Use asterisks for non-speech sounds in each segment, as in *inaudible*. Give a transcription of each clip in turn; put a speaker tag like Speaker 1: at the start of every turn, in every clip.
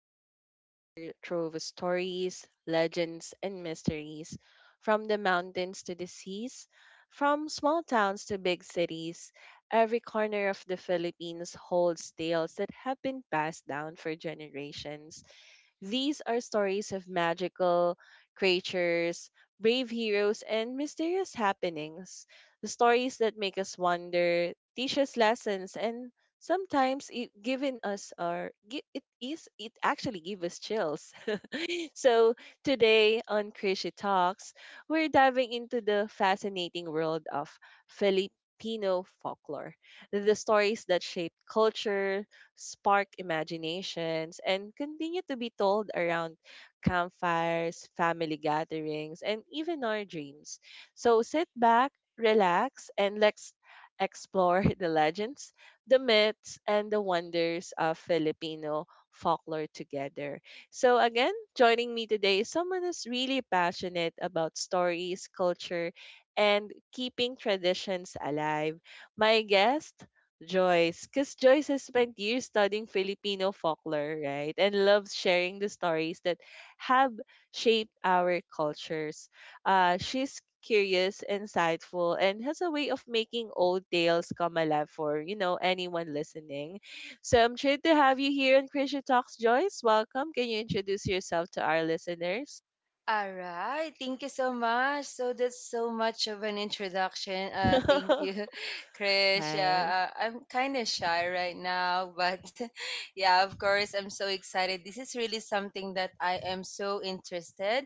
Speaker 1: is a treasure trove of stories, legends, and mysteries. From the mountains to the seas, from small towns to big cities, every corner of the Philippines holds tales that have been passed down for generations. These are stories of magical creatures, brave heroes, and mysterious happenings. The stories that make us wonder, teach us lessons, and sometimes it giving us our gi- it is it actually give us chills. *laughs* So, today on Krishy Talks, we're diving into the fascinating world of Filipino folklore, the stories that shape culture, spark imaginations, and continue to be told around campfires, family gatherings, and even our dreams. So, sit back, relax, and let's explore *laughs* the legends, the myths, and the wonders of Filipino folklore together. So, again, joining me today is someone who's really passionate about stories, culture, and keeping traditions alive. My guest, Joyce, because Joyce has spent years studying Filipino folklore, right? And loves sharing the stories that have shaped our cultures. She's curious, insightful, and has a way of making old tales come alive for, you know, anyone listening. So I'm thrilled to have you here on Christian Talks, Joyce. Welcome. Can you introduce yourself to our listeners?
Speaker 2: All right. Thank you so much. So that's so much of an introduction. Thank you,
Speaker 1: *laughs*
Speaker 2: *laughs* Krish.
Speaker 1: Right,
Speaker 2: Yeah, I'm kind of shy right now, but *laughs* yeah, of course, I'm so excited. This is really something that I am so interested.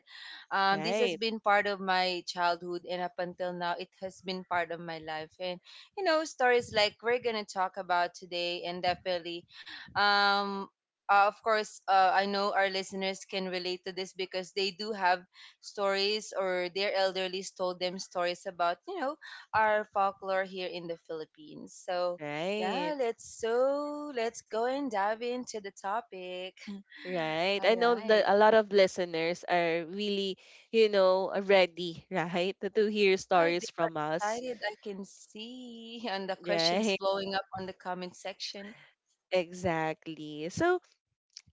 Speaker 2: This has
Speaker 1: right,
Speaker 2: been part of my childhood, and up until now, it has been part of my life. And you know, stories like we're gonna talk about today, and definitely, um, of course, I know our listeners can relate to this because they do have stories or their elderly told them stories about, you know, our folklore here in the Philippines. So,
Speaker 1: right,
Speaker 2: yeah, let's go and dive into the topic. *laughs*
Speaker 1: right. I
Speaker 2: All
Speaker 1: know that
Speaker 2: right.
Speaker 1: a lot of listeners are really, ready, *laughs* right, to hear
Speaker 2: Right.
Speaker 1: stories from us.
Speaker 2: Decided I can see *laughs* and the questions
Speaker 1: Right,
Speaker 2: blowing up on the comment section.
Speaker 1: exactly. So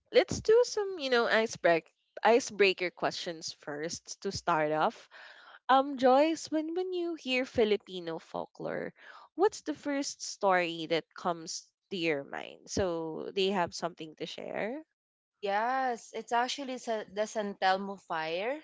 Speaker 1: let's do some, icebreaker questions first to start off. Joyce, when you hear Filipino folklore, what's the first story that comes to your mind? So they have something to share.
Speaker 2: Yes, it's actually the San Telmo fire.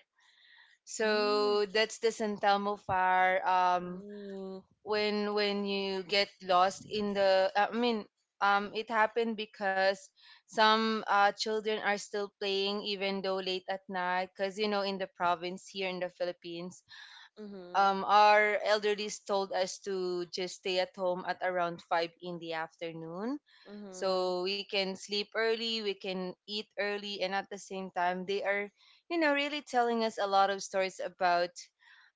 Speaker 1: Mm.
Speaker 2: So that's the San Telmo fire. Um,
Speaker 1: Mm.
Speaker 2: when when you get lost in the, it happened because some children are still playing even though late at night. Cause you know in the province here in the Philippines,
Speaker 1: Mhm.
Speaker 2: our elderlies told us to just stay at home at around 5 in the afternoon.
Speaker 1: Mhm.
Speaker 2: So we can sleep early, we can eat early, and at the same time, they are, you know, really telling us a lot of stories about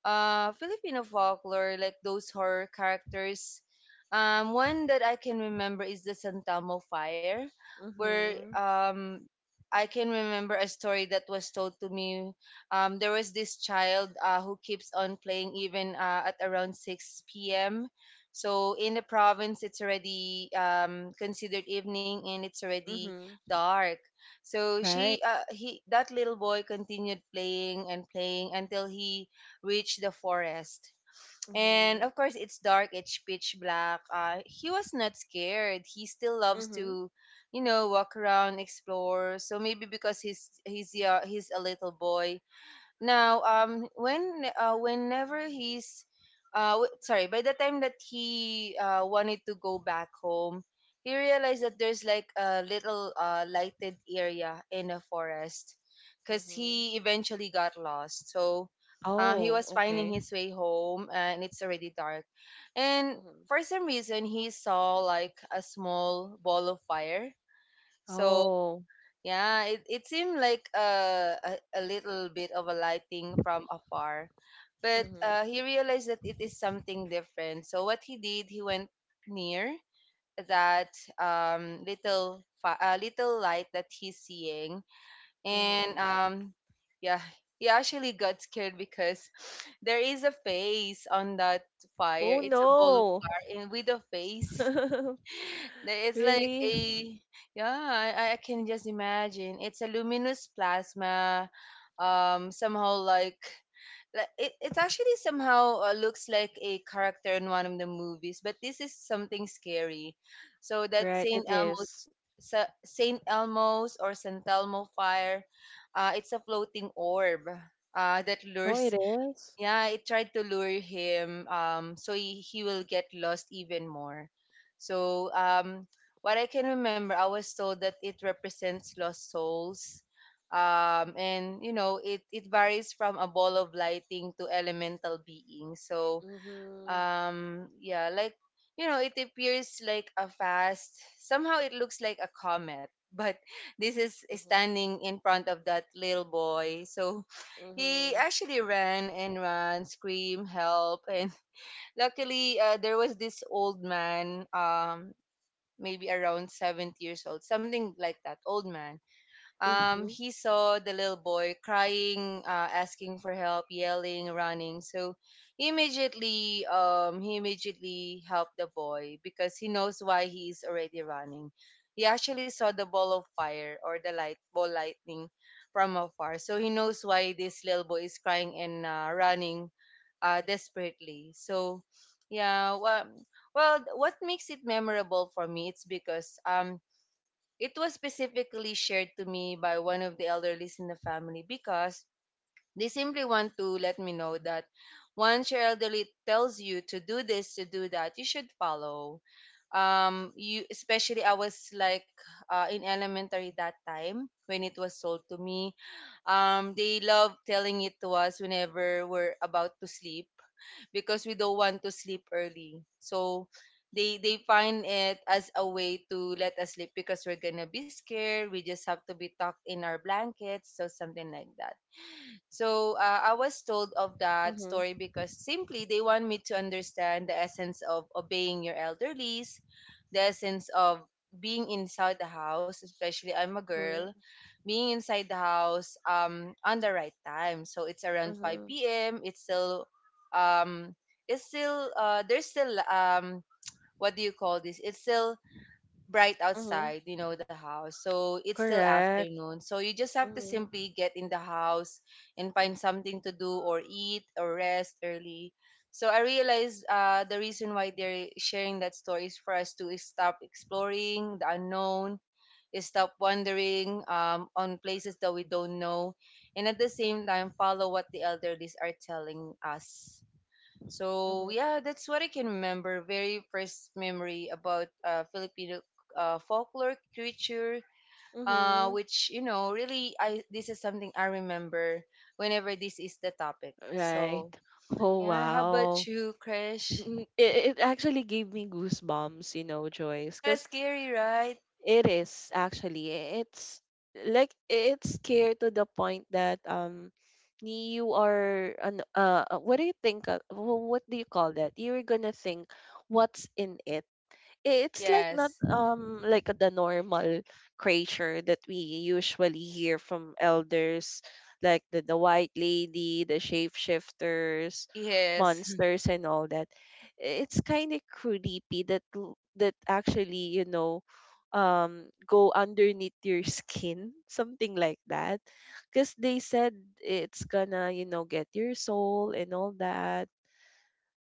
Speaker 2: Filipino folklore, like those horror characters. One that I can remember is the Santamo Fire, where
Speaker 1: Mhm.
Speaker 2: I can remember a story that was told to me. There was this child who keeps on playing even at around 6 p.m. So in the province, it's already considered evening and it's already
Speaker 1: Mhm.
Speaker 2: dark. So
Speaker 1: Right.
Speaker 2: he, that little boy continued playing and playing until he reached the forest. And
Speaker 1: Mhm.
Speaker 2: of course, it's dark, it's pitch black. He was not scared. He still loves
Speaker 1: Mhm.
Speaker 2: to, you know, walk around, explore. So maybe because he's yeah, he's a little boy, now, whenever sorry, by the time that he wanted to go back home, he realized that there's like a little lighted area in the forest, because
Speaker 1: Mhm.
Speaker 2: he eventually got lost. So, he
Speaker 1: Oh,
Speaker 2: was finding
Speaker 1: okay.
Speaker 2: his way home, and it's already dark, and
Speaker 1: Mhm.
Speaker 2: for some reason he saw like a small ball of fire. So
Speaker 1: Oh.
Speaker 2: yeah, it seemed like a little bit of a lighting from afar. But
Speaker 1: Mhm.
Speaker 2: he realized that it is something different. So what he did, he went near that little light that he's seeing. And
Speaker 1: Mhm.
Speaker 2: yeah, he actually got scared because *laughs* *sighs* there is a face on that fire.
Speaker 1: Oh
Speaker 2: It's a ball of
Speaker 1: no.
Speaker 2: fire and with a face.
Speaker 1: *laughs*
Speaker 2: There is like
Speaker 1: Really?
Speaker 2: a yeah, I can just imagine. It's a luminous plasma, somehow like, it actually somehow looks like a character in one of the movies, but this is something scary. So that
Speaker 1: Right. It is.
Speaker 2: Saint Elmo's or San Telmo fire, it's a floating orb that *laughs*
Speaker 1: Oh, it
Speaker 2: lures
Speaker 1: is.
Speaker 2: yeah, it tried to lure him so he will get lost even more. So, what I can remember, I was told that it represents lost souls. And, you know, it varies from a ball of lighting to elemental beings. So,
Speaker 1: Mhm.
Speaker 2: yeah like you know it appears like a fast somehow it looks like a comet but *laughs* this is
Speaker 1: Mhm.
Speaker 2: standing in front of that little boy so he
Speaker 1: Mhm.
Speaker 2: actually ran and ran scream help and *laughs* luckily there was this old man maybe around 70 years old something like that old man.
Speaker 1: Mhm.
Speaker 2: He saw the little boy crying, asking for help, yelling, running. So he immediately helped the boy because he knows why he is already running. He actually saw the ball of fire or the light ball lightning from afar, so he knows why this little boy is crying and running desperately. So, yeah, well, what makes it memorable for me? It's because it was specifically shared to me by one of the elderlies in the family because they simply want to let me know that once your elderly tells you to do this, to do that, you should follow. You especially I was like in elementary that time when it was told to me. They love telling it to us whenever we're about to sleep because we don't want to sleep early. So they find it as a way to let us sleep because we're gonna be scared. We just have to be tucked in our blankets, so something like that. So I was told of that
Speaker 1: Mhm.
Speaker 2: story because simply they want me to understand the essence of obeying your elderlies, the essence of being inside the house, especially I'm a girl,
Speaker 1: Mhm.
Speaker 2: being inside the house on the right time. So it's around
Speaker 1: Mhm.
Speaker 2: 5 p.m. Um, it's still, there's still, what do you call this? It's still bright
Speaker 1: Mhm.
Speaker 2: outside, you know, the house. So it's still
Speaker 1: Correct.
Speaker 2: afternoon. So you just have to
Speaker 1: Mhm.
Speaker 2: simply get in the house and find something to do or eat or rest early. So I realized the reason why they're sharing that story is for us to stop exploring the unknown, is stop wandering on places that we don't know, and at the same time follow what the elderlies are telling us. So
Speaker 1: Mhm.
Speaker 2: yeah, that's what I can remember. Very first memory about Filipino folklore creature,
Speaker 1: Mhm.
Speaker 2: which you know really I this is something I remember whenever this is the topic.
Speaker 1: Right.
Speaker 2: So
Speaker 1: Oh,
Speaker 2: yeah, how about
Speaker 1: wow.
Speaker 2: you, Crash?
Speaker 1: It actually gave me goosebumps, Joyce,
Speaker 2: Yeah,
Speaker 1: because
Speaker 2: scary, right?
Speaker 1: it is actually, it's like, it's scary to the point that, you are an what do you think of, what do you call that you're gonna think what's in it it's like not
Speaker 2: Yes.
Speaker 1: like the normal creature that we usually hear from elders, like the white lady, the shapeshifters,
Speaker 2: Yes. *laughs*
Speaker 1: monsters, and all that. It's kind of creepy that actually go underneath your skin, *laughs* something like that, because they said it's gonna get your soul and all that,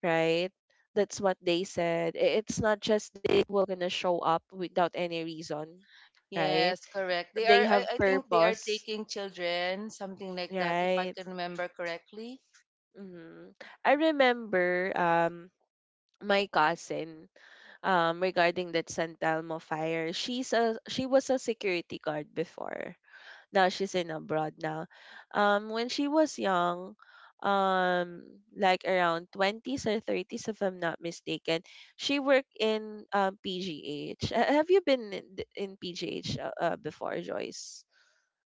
Speaker 1: right? That's what they said. It's not just they will gonna show up without any reason, right?
Speaker 2: Yes, correct. They are
Speaker 1: They have
Speaker 2: I think they are
Speaker 1: purpose,
Speaker 2: taking children, something like that, if I
Speaker 1: right?
Speaker 2: can remember correctly.
Speaker 1: hmm I remember my cousin, regarding that San Telmo fire. She was a security guard before. Now she's in abroad now. When she was young, um, like around 20s or 30s, if I'm not mistaken, she worked in PGH. Have you been in, in PGH before, Joyce?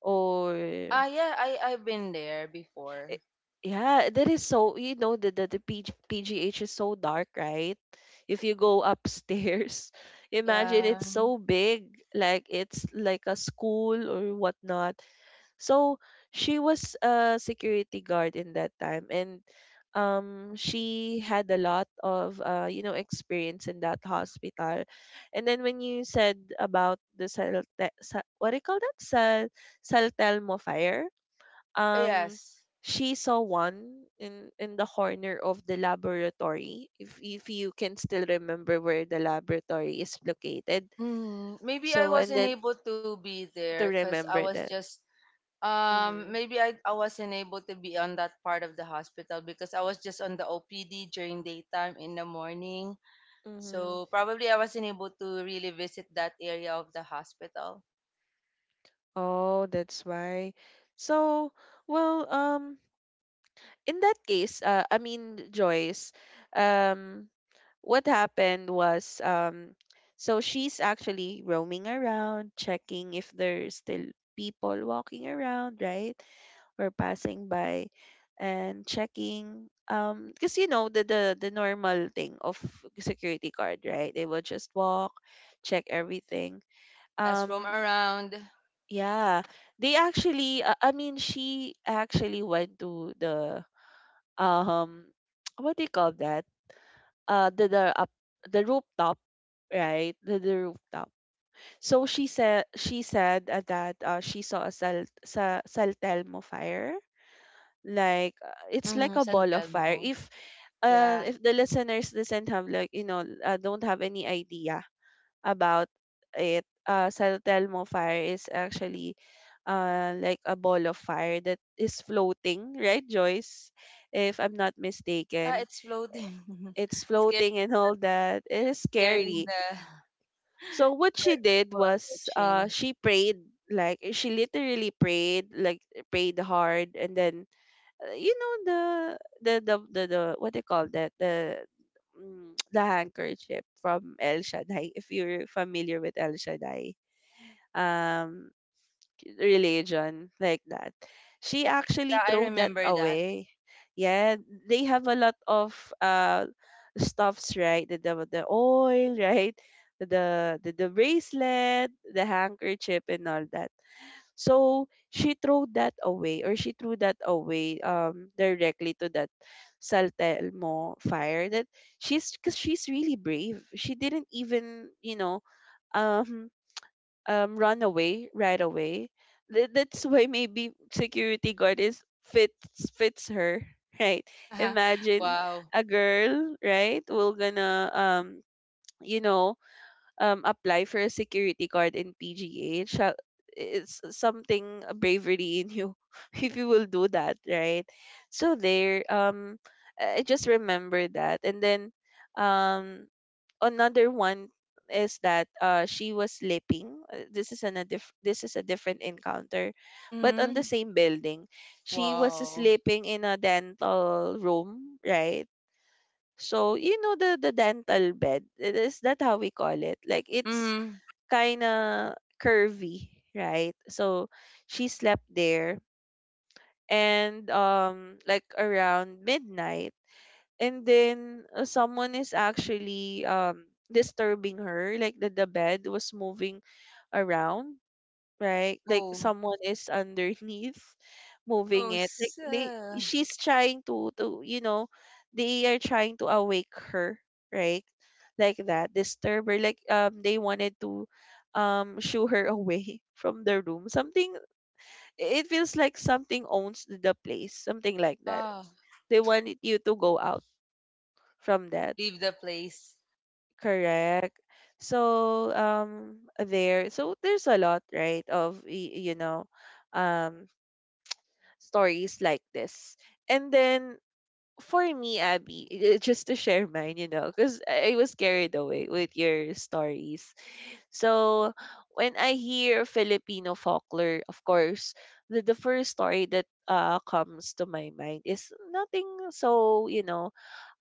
Speaker 1: Or.
Speaker 2: Ah yeah, I've been there before.
Speaker 1: I- Yeah, that is so, the PGH is so dark, right? If you go upstairs, *laughs* imagine
Speaker 2: Yeah.
Speaker 1: it's so big, like it's like a school or whatnot. So she was a security guard in that time, and she had a lot of experience in that hospital. And then when you said about the what do you call that? Saltelmo fire, um
Speaker 2: Yes.
Speaker 1: she saw one in the corner of the laboratory, if you can still remember where the laboratory is located.
Speaker 2: Mhm. Maybe I
Speaker 1: So and
Speaker 2: wasn't
Speaker 1: then
Speaker 2: able to be there
Speaker 1: to
Speaker 2: because I
Speaker 1: remember
Speaker 2: was
Speaker 1: that.
Speaker 2: just
Speaker 1: Mm-hmm,
Speaker 2: maybe I wasn't able to be on that part of the hospital because I was just on the OPD during daytime in the morning. So
Speaker 1: mm-hmm.
Speaker 2: probably I wasn't able to really visit that area of the hospital.
Speaker 1: Oh, that's why. So well, in that case, I mean, Joyce, um, what happened was, so she's actually roaming around, checking if there's still people walking around, right? Or passing by and checking. Because you know the the normal thing of security guard, right? They will just walk, check everything.
Speaker 2: Yes, roam
Speaker 1: Um,
Speaker 2: around.
Speaker 1: yeah, they actually. I mean, she actually went to the, um *tsk* what do you call that? The up the rooftop, right, the rooftop. So she said that she saw a saltelmo fire, like, it's
Speaker 2: Mm,
Speaker 1: like a
Speaker 2: San
Speaker 1: ball of fire,
Speaker 2: Telmo.
Speaker 1: if.
Speaker 2: Yeah.
Speaker 1: If the listeners doesn't have, like, don't have any idea about it, San Telmo fire is actually, like a ball of fire that is floating, right, Joyce? If I'm not
Speaker 2: Yeah,
Speaker 1: mistaken,
Speaker 2: it's floating. *laughs*
Speaker 1: it's
Speaker 2: Scare
Speaker 1: floating and all that. It is
Speaker 2: scaring
Speaker 1: scary. So
Speaker 2: *laughs* the
Speaker 1: what she did
Speaker 2: people
Speaker 1: was,
Speaker 2: approaching.
Speaker 1: she prayed, like, she literally prayed, like, prayed hard, and then, you know, the what they call that, the *tsk* the handkerchief from El Shaddai, if you're familiar with El Shaddai, um religion, like that, she
Speaker 2: Mm, yeah,
Speaker 1: actually
Speaker 2: I
Speaker 1: threw that
Speaker 2: remember that.
Speaker 1: away. Yeah, they have a lot of uh stuffs, right, the oil, *laughs* right, the the bracelet, the handkerchief, and all that. So she threw that away, or she threw that away, directly to that Saltelmo fire, that she's because she's really brave. She didn't even, um run away right away. That's why maybe security guard is fits fits her, *laughs* right?
Speaker 2: *laughs*
Speaker 1: Imagine
Speaker 2: Wow.
Speaker 1: a girl, right? Will gonna, you know, apply for a security card in PGH. It's something a bravery in you, *laughs* if you will do that, right? So there, I just remember that, and then, um, another one is that, she was sleeping. This is a different encounter, but on the
Speaker 2: Mhm.
Speaker 1: same building, she was
Speaker 2: Wow.
Speaker 1: sleeping in a dental room, right? So you know the dental bed. Is that how we call it? Like, it's
Speaker 2: Mhm.
Speaker 1: kind of curvy, right? So she slept there, and like around midnight, and then, someone is actually, disturbing her, like the bed was moving around, right? Like
Speaker 2: Oh.
Speaker 1: someone is underneath moving
Speaker 2: Oh,
Speaker 1: it. Like, they
Speaker 2: so.
Speaker 1: she's trying to you know, they are trying to awake her, right? Like that. Disturb her. Like, they wanted to, shoo her away, *laughs* from the room. Something, it feels like something owns the place. Something like that.
Speaker 2: Ah.
Speaker 1: They wanted you to go out from
Speaker 2: Okay,
Speaker 1: that.
Speaker 2: leave the place.
Speaker 1: Correct. So there so there's a lot, right, of um stories like this. And then for me, Abby, just to share *laughs* mine, because I was carried away with your stories. So when I hear Filipino folklore, of course, the first story that, comes to my mind is nothing so,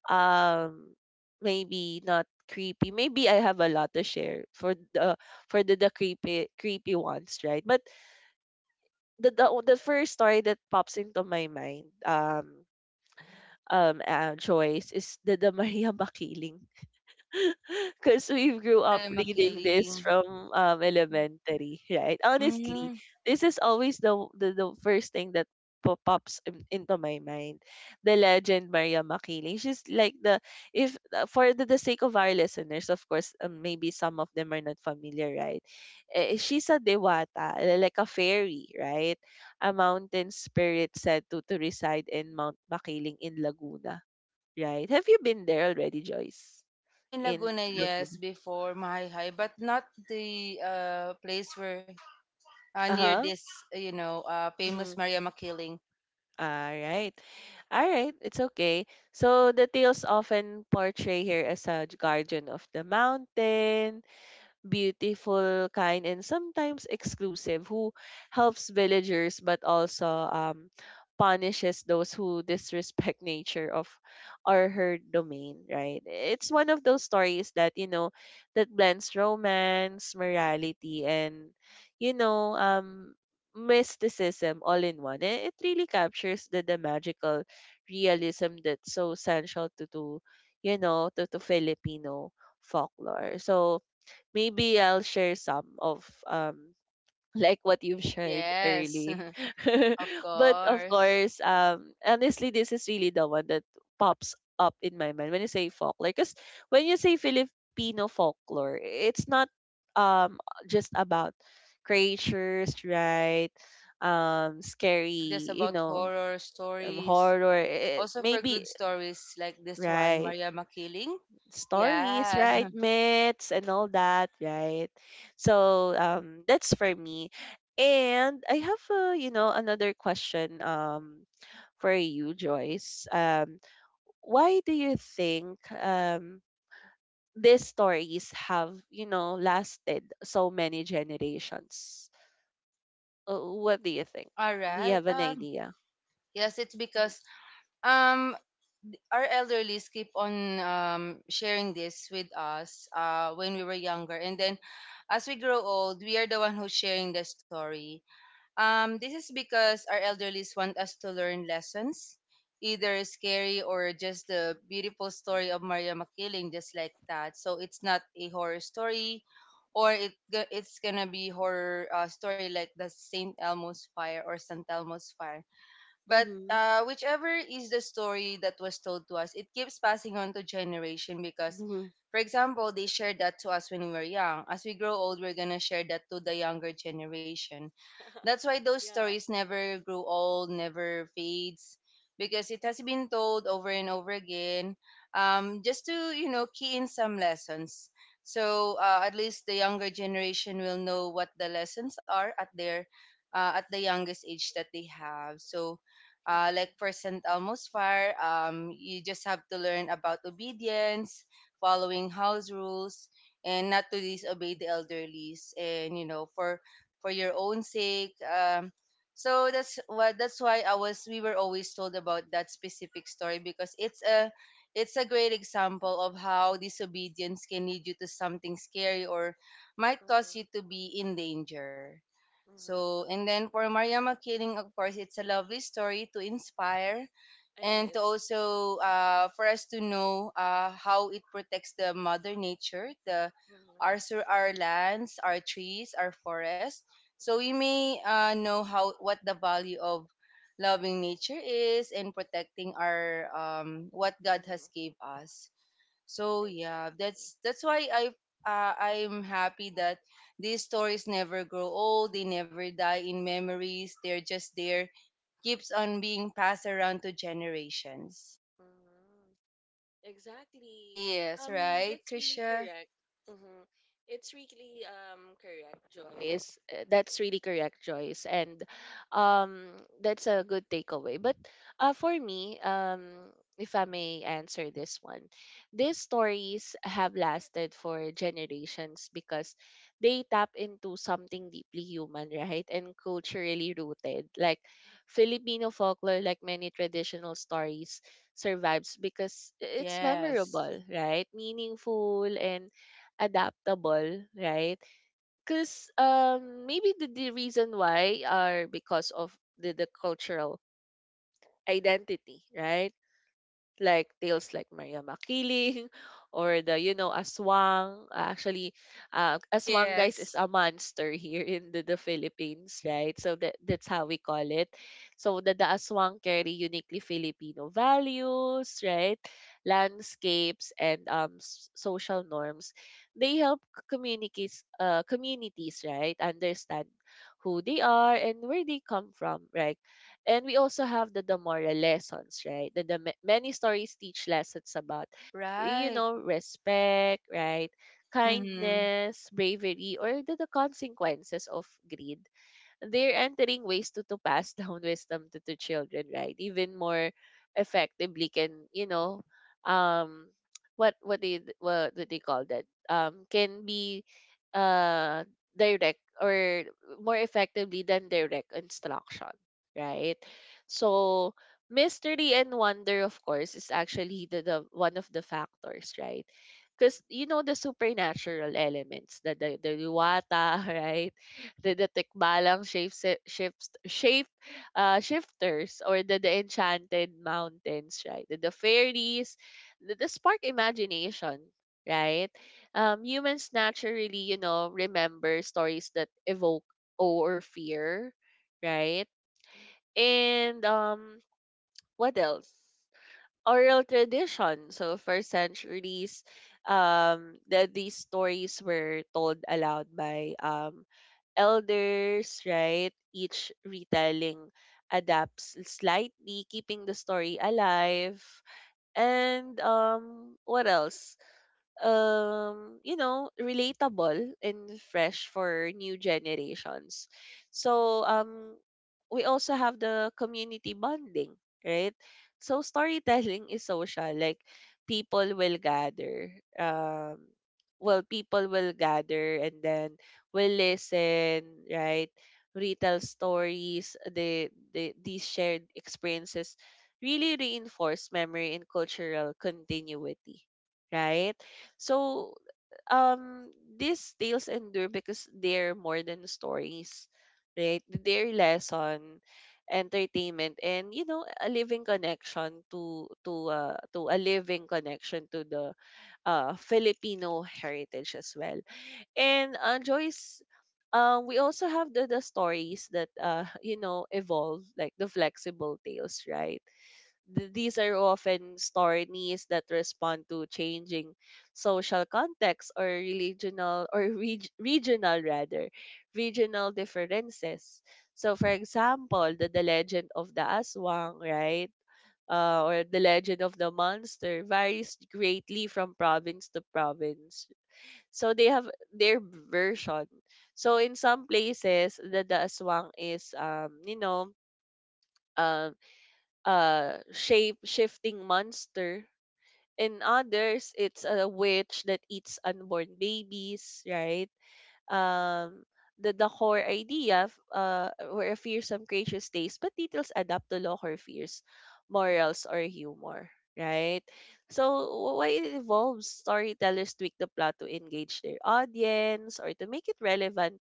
Speaker 1: um, maybe not creepy. Maybe I have a lot to share for the, for the creepy creepy ones, right? But the first story that pops into my mind, choice, is the *laughs* Maria Makiling, because we
Speaker 2: Oh,
Speaker 1: grew up
Speaker 2: Maria
Speaker 1: reading this
Speaker 2: Makiling.
Speaker 1: from, elementary, right? Honestly,
Speaker 2: Mhm.
Speaker 1: this is always the first thing that pops into my mind. The legend Maria Makiling. She's like the, if for the sake of our listeners, of course, maybe some of them are not familiar, right? She's a dewata, like a fairy, right? A mountain spirit said to reside in Mount Makiling in Laguna. Right. Have you been there already, Joyce?
Speaker 2: I'm in
Speaker 1: In
Speaker 2: Laguna, yes,
Speaker 1: Laguna?
Speaker 2: before Mahayhay, but not the place where near
Speaker 1: Uh-huh.
Speaker 2: this, you know, famous
Speaker 1: Mm-hmm.
Speaker 2: Maria Makiling.
Speaker 1: All right. All right. It's okay. So the tales often portray her as a guardian of the mountain, beautiful, kind, and sometimes exclusive, who helps villagers but also, um, punishes those who disrespect nature of or her domain, right? It's one of those stories that, blends romance, morality, and, you know, um, mysticism all in one. It really captures the magical realism that's so essential to you know, to Filipino folklore. So maybe I'll share some of, *laughs* like what you've shared
Speaker 2: Yes.
Speaker 1: early.
Speaker 2: *laughs*
Speaker 1: *laughs*
Speaker 2: Of
Speaker 1: But of
Speaker 2: course.
Speaker 1: course, honestly, this is really the one that pops up in my mind when you say folklore. Because when you say Filipino folklore, it's not um just about creatures, right?
Speaker 2: Not
Speaker 1: Scary,
Speaker 2: just about horror stories.
Speaker 1: horror.
Speaker 2: Also for
Speaker 1: Maybe
Speaker 2: good stories like this one,
Speaker 1: right
Speaker 2: Maria Makiling.
Speaker 1: stories,
Speaker 2: Yeah.
Speaker 1: right?
Speaker 2: *laughs*
Speaker 1: Myths and all that, right? So, that's for me. And I have, another question, for you, Joyce. Why do you think, these stories have, lasted so many generations? What do you think?
Speaker 2: All
Speaker 1: Do you
Speaker 2: right.
Speaker 1: have an idea?
Speaker 2: Yes, it's
Speaker 1: Mm-hmm.
Speaker 2: because um our elderlies keep on sharing this with us when we were younger, and then as we grow old, we are the one who's sharing the story. This is because our elderlies want us to learn lessons, either scary or just the beautiful story of Maria Makiling, just like that. So it's not a horror story, or it's gonna be horror story like the Saint Elmo's Fire or San Telmo's Fire. But
Speaker 1: Mm-hmm.
Speaker 2: whichever is the story that was told to us, it keeps passing on to generation because,
Speaker 1: Mm-hmm.
Speaker 2: for example, they shared that to us when we were young. As we grow old, we're gonna
Speaker 1: *laughs*
Speaker 2: share that to the younger generation. That's why those
Speaker 1: Yeah.
Speaker 2: stories never grew old, never fades, because it has been told over and over again, just to you know key in some lessons. So at least the younger generation will know what the lessons are at their at the youngest age that they have. So like for
Speaker 1: Mm-hmm.
Speaker 2: St. Elmo's fire, you just have to learn about obedience, following house rules, and not to disobey the elderlies, and you know for your own sake. So that's what that's why I was we were always told about that specific story because it's a great example of how disobedience can lead you to something scary or might cause you to
Speaker 1: Mm-hmm.
Speaker 2: be in danger. So, and
Speaker 1: Mm-hmm.
Speaker 2: then for Maria Makiling, of course, it's a lovely story to inspire
Speaker 1: It
Speaker 2: and to
Speaker 1: is.
Speaker 2: also for us to know how it protects the mother nature, the our
Speaker 1: Mhm.
Speaker 2: our lands, our trees, our forests. So we may know how what the value of loving nature is and protecting our what God has
Speaker 1: Mhm.
Speaker 2: gave us. So yeah,
Speaker 1: Exactly.
Speaker 2: that's why I I'm happy that these stories never grow old. They never die in memories. They're just there, keeps on being passed around to generations.
Speaker 1: Mhm. Exactly.
Speaker 2: Yes, right,
Speaker 1: That's really
Speaker 2: Krisha.
Speaker 1: correct. Mm-hmm. It's really correct, Joyce. That's really correct, Joyce, and um that's a good takeaway. But, for me, if I may answer this one, these stories have lasted for generations because they tap into something deeply human, right, and culturally rooted, like Filipino folklore, like many traditional stories survives because it's
Speaker 2: Yes,
Speaker 1: memorable, right? Meaningful and adaptable, right? Because maybe the reason why are because of the cultural identity, right? Like tales like Maria Makiling *laughs* or the aswang. Actually Aswang guys is
Speaker 2: yes,
Speaker 1: a monster *laughs* here in the Philippines, right? So that's how we call it. So the aswang carry uniquely Filipino values, right, landscapes and social norms. They help communities, right, understand who they are and where they come from, right. And we also have the Damora lessons, right? Many stories teach lessons about, you
Speaker 2: right.
Speaker 1: know, respect, right?
Speaker 2: Mhm,
Speaker 1: Kindness, bravery, or the consequences of greed. They're entering ways to pass down *laughs* wisdom to children, right? Even more effectively can, you know, um what do they call that? Can be uh direct or more effectively than direct instruction, right? So mystery and wonder, of course, is actually the one of the factors, right? Because, you know, the supernatural elements, the luwata *laughs* right. The Tikbalang shape se- shifts shape shifters or the enchanted mountains, right? The fairies, the spark imagination, right? Humans naturally, you know, remember stories that evoke awe or fear, right? And What else? Oral tradition. So first centuries, that these stories were told aloud by elders, right? Each retelling adapts slightly, keeping the story alive. And What else? You know, relatable and fresh for new generations. So we also have the community bonding, right. So storytelling is social, like people will gather. um People will gather and then will listen, right. Retell stories. These shared experiences really reinforce memory and cultural continuity, right. So um these tales endure because they're more than stories, right? They're lesson, entertainment, and, you know, a living connection to a living connection to the Filipino heritage as well. And Joyce. We also have the stories that *laughs* you know, evolve, like the flexible tales, right. These are often stories that respond to changing social context or regional or regional differences. So for example, the legend of the aswang, right, or the legend of the monster varies greatly from province to province. So they have their version. So in some places, the aswang is you know, um shape shifting monster. In others, it's a witch that eats unborn babies, right? Um, the core idea were a fearsome creature stays, but details adapt to local fears, morals, or humor, right? So, why it evolves, storytellers tweak the plot to engage their audience or to make it relevant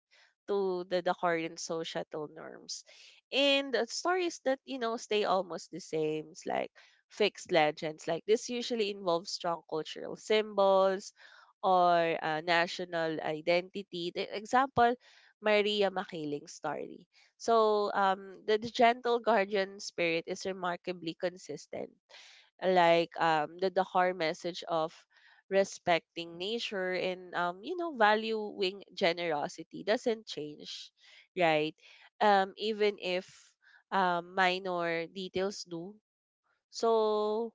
Speaker 1: to the current societal norms. And the stories that, you know, stay almost the same, it's like fixed legends. Like this usually involves strong cultural symbols or national identity. The example, Maria Makiling's story. So the gentle guardian spirit is remarkably consistent, like the core message of respecting nature and you know, valuing generosity doesn't change, right. Even if minor details do. So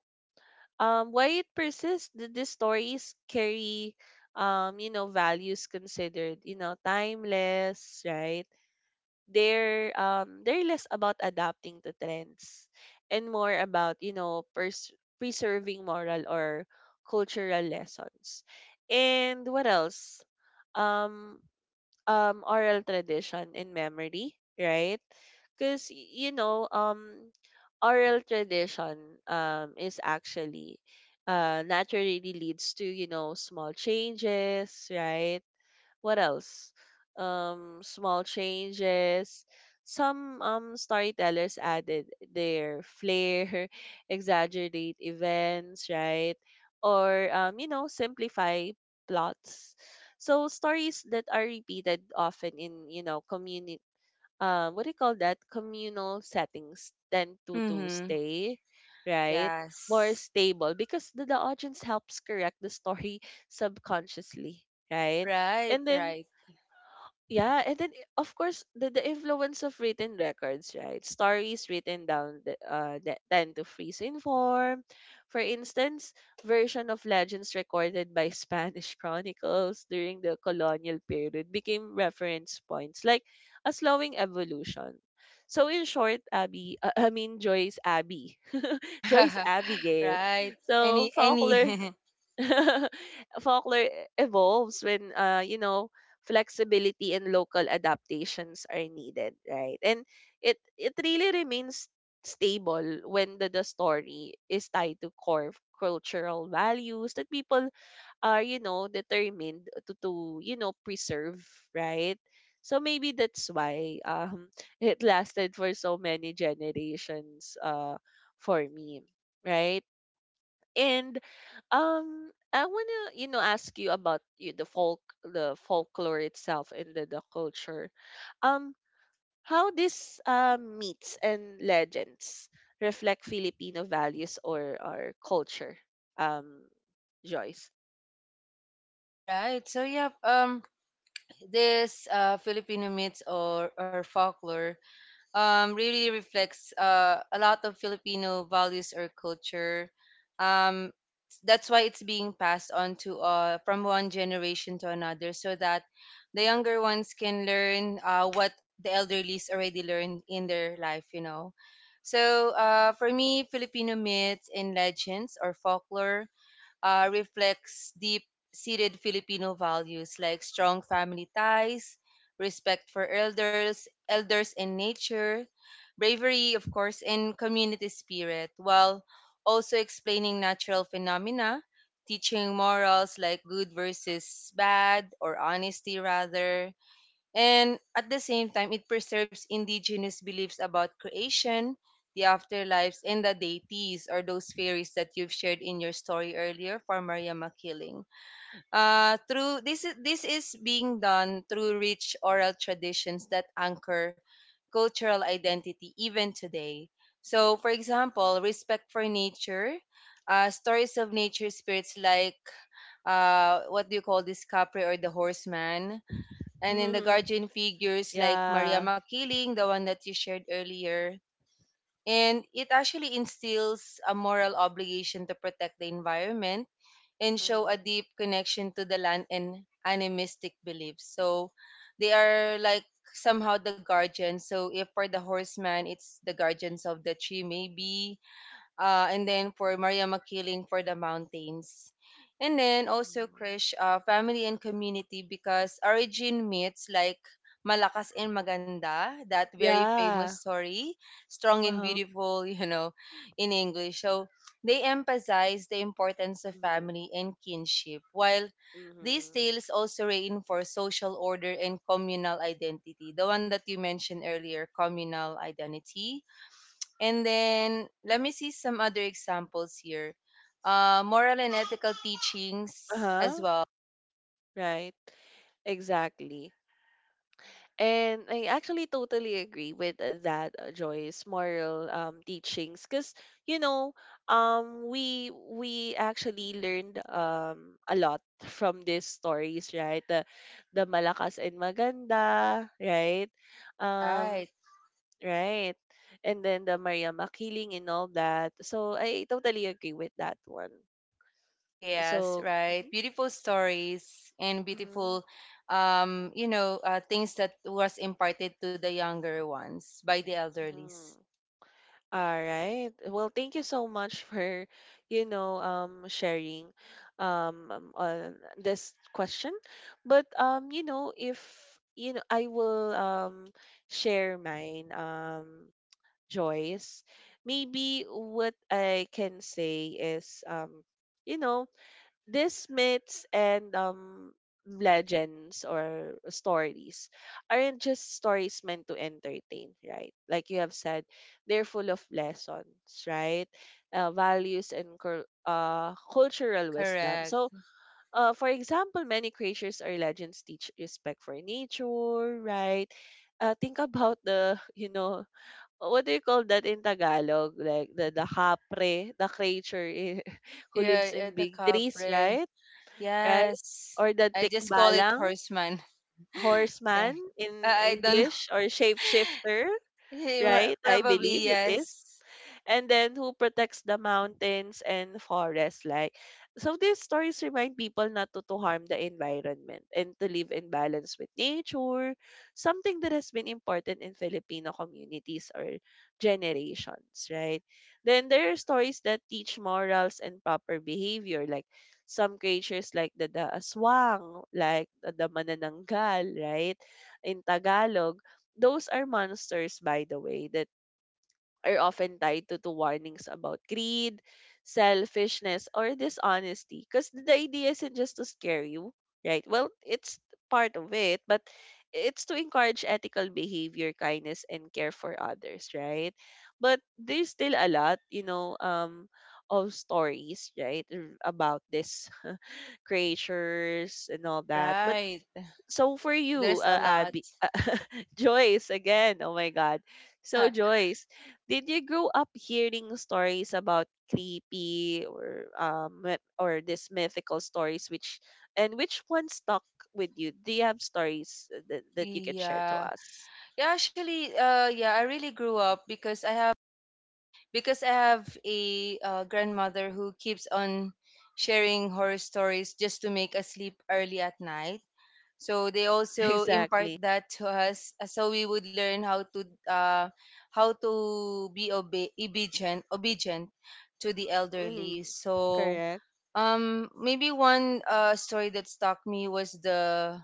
Speaker 1: why it persists, the stories carry you know, values considered, you know, timeless, right. They're they're less about adapting to trends and more about, you know, preserving moral or cultural lessons. And what else? um Oral tradition and memory, right. Because, you know, oral tradition is actually naturally leads to, you know, small changes, right. What else? Small changes. Some storytellers added their flair, *laughs* exaggerate events, right? Or you know, simplify plots. So stories that are repeated often in, you know, community, what do you call that? Communal settings tend to
Speaker 2: mhm.
Speaker 1: stay, right? More
Speaker 2: Yes,
Speaker 1: stable because the audience helps correct the story *laughs* subconsciously, right?
Speaker 2: right,
Speaker 1: And then,
Speaker 2: right,
Speaker 1: yeah, and then, of course, the influence of written records, right? Stories written down, that tend to freeze in form. For instance, version of legends recorded by Spanish *laughs* chronicles during the colonial period became reference points, like a slowing evolution. So in short, Abby, I mean Joyce Abby, *laughs* Joyce
Speaker 2: *laughs*
Speaker 1: Abigail.
Speaker 2: right.
Speaker 1: So
Speaker 2: Any, any.
Speaker 1: folklore
Speaker 2: *laughs*
Speaker 1: *laughs* folklore evolves when, you know, flexibility and local adaptations are needed, right. And it really remains stable when the story is tied to core cultural values that people are, you know, determined to, you know, preserve, right. So maybe that's why *laughs* it lasted for so many generations, for me, right. And I wanna, you know, ask you about you the folklore itself and the culture. Um, how this myths and legends reflect Filipino values or our culture, um, Joyce.
Speaker 2: All right. So yeah. This Filipino myths or folklore really reflects a lot of Filipino values or culture. Um, that's why it's being passed on to from one generation to another, so that the younger ones can learn what the elderlies already learned in their life. So for me, Filipino myths and legends or folklore reflects deep seated Filipino values like strong family ties, respect for elders, elders in nature, bravery, of course, and community spirit, while also explaining natural phenomena, teaching morals like good versus bad or honesty rather, and at the same time, it preserves indigenous beliefs about creation, the afterlives, and the deities or those fairies that you've shared in your story earlier for Maria Makiling. Through this is being done through rich oral traditions that anchor cultural identity even today. So, for example, respect for nature, stories of nature spirits like what do you call this capri or the horseman, and then the guardian
Speaker 1: *laughs*
Speaker 2: figures like Maria
Speaker 1: Yeah.
Speaker 2: Makiling, the one that you shared earlier. And it actually instills a moral obligation to protect the environment and show a
Speaker 1: Mhm.
Speaker 2: deep connection to the land and animistic beliefs. So they are like somehow the guardians. So if for the horseman, it's the guardians of the tree, maybe and then for Maria Makiling for the mountains. And then also
Speaker 1: Mhm.
Speaker 2: Krish, family and community because origin myths like Malakas and Maganda, that very famous
Speaker 1: Yeah.
Speaker 2: story, strong
Speaker 1: Uh
Speaker 2: and
Speaker 1: huh.
Speaker 2: beautiful, *laughs* you know, in English. So they emphasize the importance of
Speaker 1: Mm-hmm.
Speaker 2: family and kinship, while these tales also reinforce social order and communal identity, the one that you mentioned earlier, communal identity, and then let me see some other examples here. Moral and ethical
Speaker 1: Uh
Speaker 2: teachings as
Speaker 1: huh.
Speaker 2: well.
Speaker 1: Right. Exactly. And I actually totally agree with that Joy's moral teachings, because, you know, we actually learned, a lot from these stories, right? The malakas and maganda, right?
Speaker 2: Right.
Speaker 1: Um, right, and then the Maria Makiling and all that. So I totally agree with that one.
Speaker 2: Yes,
Speaker 1: So.
Speaker 2: right.
Speaker 1: Mhm,
Speaker 2: Beautiful stories and
Speaker 1: mhm,
Speaker 2: beautiful, you know, things that was imparted to the younger ones by the elderlies.
Speaker 1: mhm. All right. Well, thank you so much *laughs* for, you know, sharing, on this question. But you know, if you know, I will share mine, Joyce. Maybe what I can say is, you know, these myths and legends or stories aren't just stories meant to entertain, right, like you have said. They're full of lessons, right, values and cultural wisdom.
Speaker 2: Correct.
Speaker 1: So for example, many creatures or legends teach respect for nature, right. Think about the *laughs* you know, what do you call that in Tagalog, like the hapre, the creature, *laughs* who
Speaker 2: Yeah,
Speaker 1: lives in
Speaker 2: the
Speaker 1: big trees,
Speaker 2: capre.
Speaker 1: right? Right?
Speaker 2: Yes.
Speaker 1: Or the
Speaker 2: I just call it
Speaker 1: Tikbalang,
Speaker 2: horseman. *laughs* yeah.
Speaker 1: horseman
Speaker 2: I
Speaker 1: in
Speaker 2: I don't
Speaker 1: English, or shapeshifter,
Speaker 2: know. *laughs*
Speaker 1: right? I
Speaker 2: Probably
Speaker 1: believe it is,
Speaker 2: yes.
Speaker 1: and then who protects the mountains and forests, like. So these stories remind people not to harm the environment and to live in balance with nature, something that has been important in Filipino communities or generations, right. Then there are stories that teach morals and proper behavior, like some creatures like the aswang, like the manananggal, right, in Tagalog. Those are monsters, by the way, that are often tied to warnings about greed, selfishness, or dishonesty. Because the idea isn't just to scare you, right? Well, it's part of it, but it's to encourage ethical behavior, kindness, and care for others, right? But there's still a lot, you know, of stories, right, about this *laughs* creatures and all that. But
Speaker 2: Right.
Speaker 1: so for you,
Speaker 2: There's a lot.
Speaker 1: Abby, *laughs* Joyce again. Oh my God. So
Speaker 2: *laughs*
Speaker 1: Joyce, did you grow up hearing stories about creepy or or these mythical stories? Which and which one stuck with you? Do you have stories that you can share to
Speaker 2: Yeah.
Speaker 1: us? *laughs*
Speaker 2: Yeah, actually, I really grew up because I have a grandmother who keeps on sharing horror stories just to make us sleep early at night. So they also impart
Speaker 1: Exactly.
Speaker 2: that to us so we would learn uh how to be obedient to the
Speaker 1: Mm,
Speaker 2: elderly. So
Speaker 1: correct.
Speaker 2: maybe one story that stuck me was the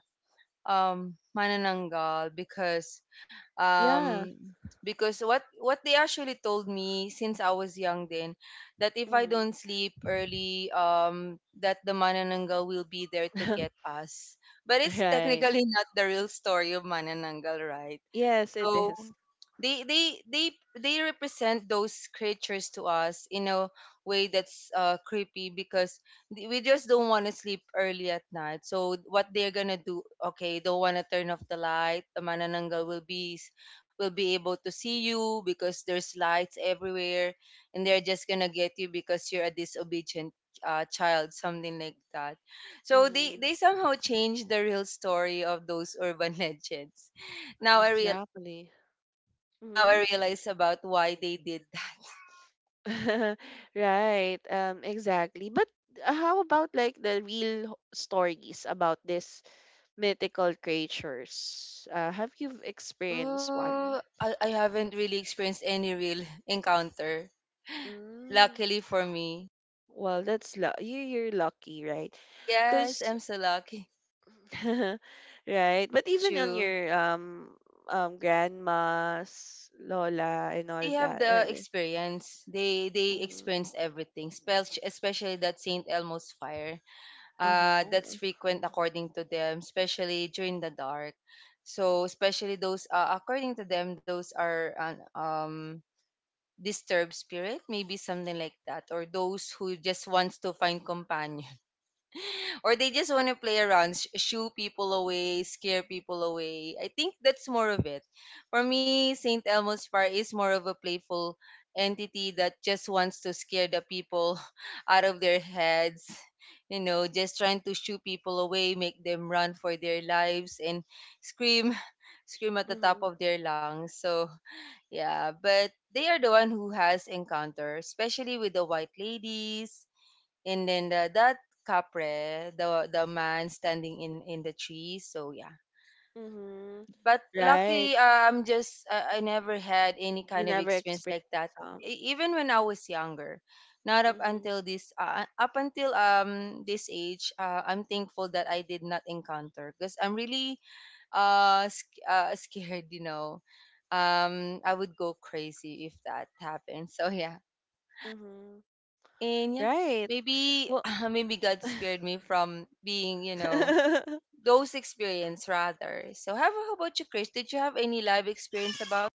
Speaker 2: Manananggal
Speaker 1: Yeah.
Speaker 2: um because what they actually told me since I was young then that if I
Speaker 1: Mm.
Speaker 2: don't sleep early that the Manananggal will be there to get
Speaker 1: *laughs*
Speaker 2: us. But it's
Speaker 1: Right.
Speaker 2: technically *laughs* not the real story of Manananggal, right?
Speaker 1: Yes, it
Speaker 2: So
Speaker 1: is.
Speaker 2: they they they they represent those creatures to us in a way that's creepy because we just don't want to sleep early at night. So what they're gonna do? Okay, don't want to turn off the light. The manananggal will be able to see you because there's lights everywhere, and they're just gonna get you because you're a disobedient child, something like that. So they
Speaker 1: Mm,
Speaker 2: they somehow change the real story of those urban *laughs* legends. now I
Speaker 1: exactly.
Speaker 2: Now I realize about why they did that.
Speaker 1: *laughs* Right. Exactly. But how about like the real stories about these mythical creatures? Have you experienced one?
Speaker 2: I haven't really experienced any real encounter.
Speaker 1: Mm.
Speaker 2: Luckily for me.
Speaker 1: Well, that's you. You're lucky, right?
Speaker 2: Yes,
Speaker 1: Because,
Speaker 2: I'm so lucky.
Speaker 1: *laughs* right. But
Speaker 2: But
Speaker 1: even on
Speaker 2: you,
Speaker 1: your grandma's Lola and
Speaker 2: Ah,
Speaker 1: all
Speaker 2: they have
Speaker 1: that.
Speaker 2: the experience. They
Speaker 1: Mm-hmm.
Speaker 2: experience everything, especially that St. Elmo's fire. That's
Speaker 1: Uh-huh.
Speaker 2: frequent according to them, especially during the dark. So, especially those, according to them, those are disturbed spirit maybe something like that, or those who just wants to find companion *laughs* or they just want to play around, shoo people away, scare people away. I think that's more of it. For me, St. Elmo's fire is more of a playful entity that just wants to scare the people *laughs* out of their heads, you know, just trying to shoo people away, make them run for their lives and scream, *laughs* scream at the top
Speaker 1: Mm-hmm.
Speaker 2: of their lungs. So yeah, but they are the one who has encounter, especially with the white ladies, and then that capre, the man standing in the trees. So yeah,
Speaker 1: Mm-hmm.
Speaker 2: but
Speaker 1: Right.
Speaker 2: luckily, I'm just I never had any
Speaker 1: You
Speaker 2: kind of
Speaker 1: never
Speaker 2: experience
Speaker 1: experienced
Speaker 2: like that,
Speaker 1: some.
Speaker 2: e- even when I was younger. Not up
Speaker 1: Mm-hmm.
Speaker 2: until up until this age, I'm thankful that I did not encounter because I'm really scared, you know. I would go crazy if that happened, so yeah.
Speaker 1: Mm-hmm.
Speaker 2: And yeah,
Speaker 1: Right.
Speaker 2: maybe
Speaker 1: Well,
Speaker 2: *laughs* maybe God spared me from being, you know,
Speaker 1: *laughs*
Speaker 2: those experience rather. So how about you, Chris? Did you have any live experience about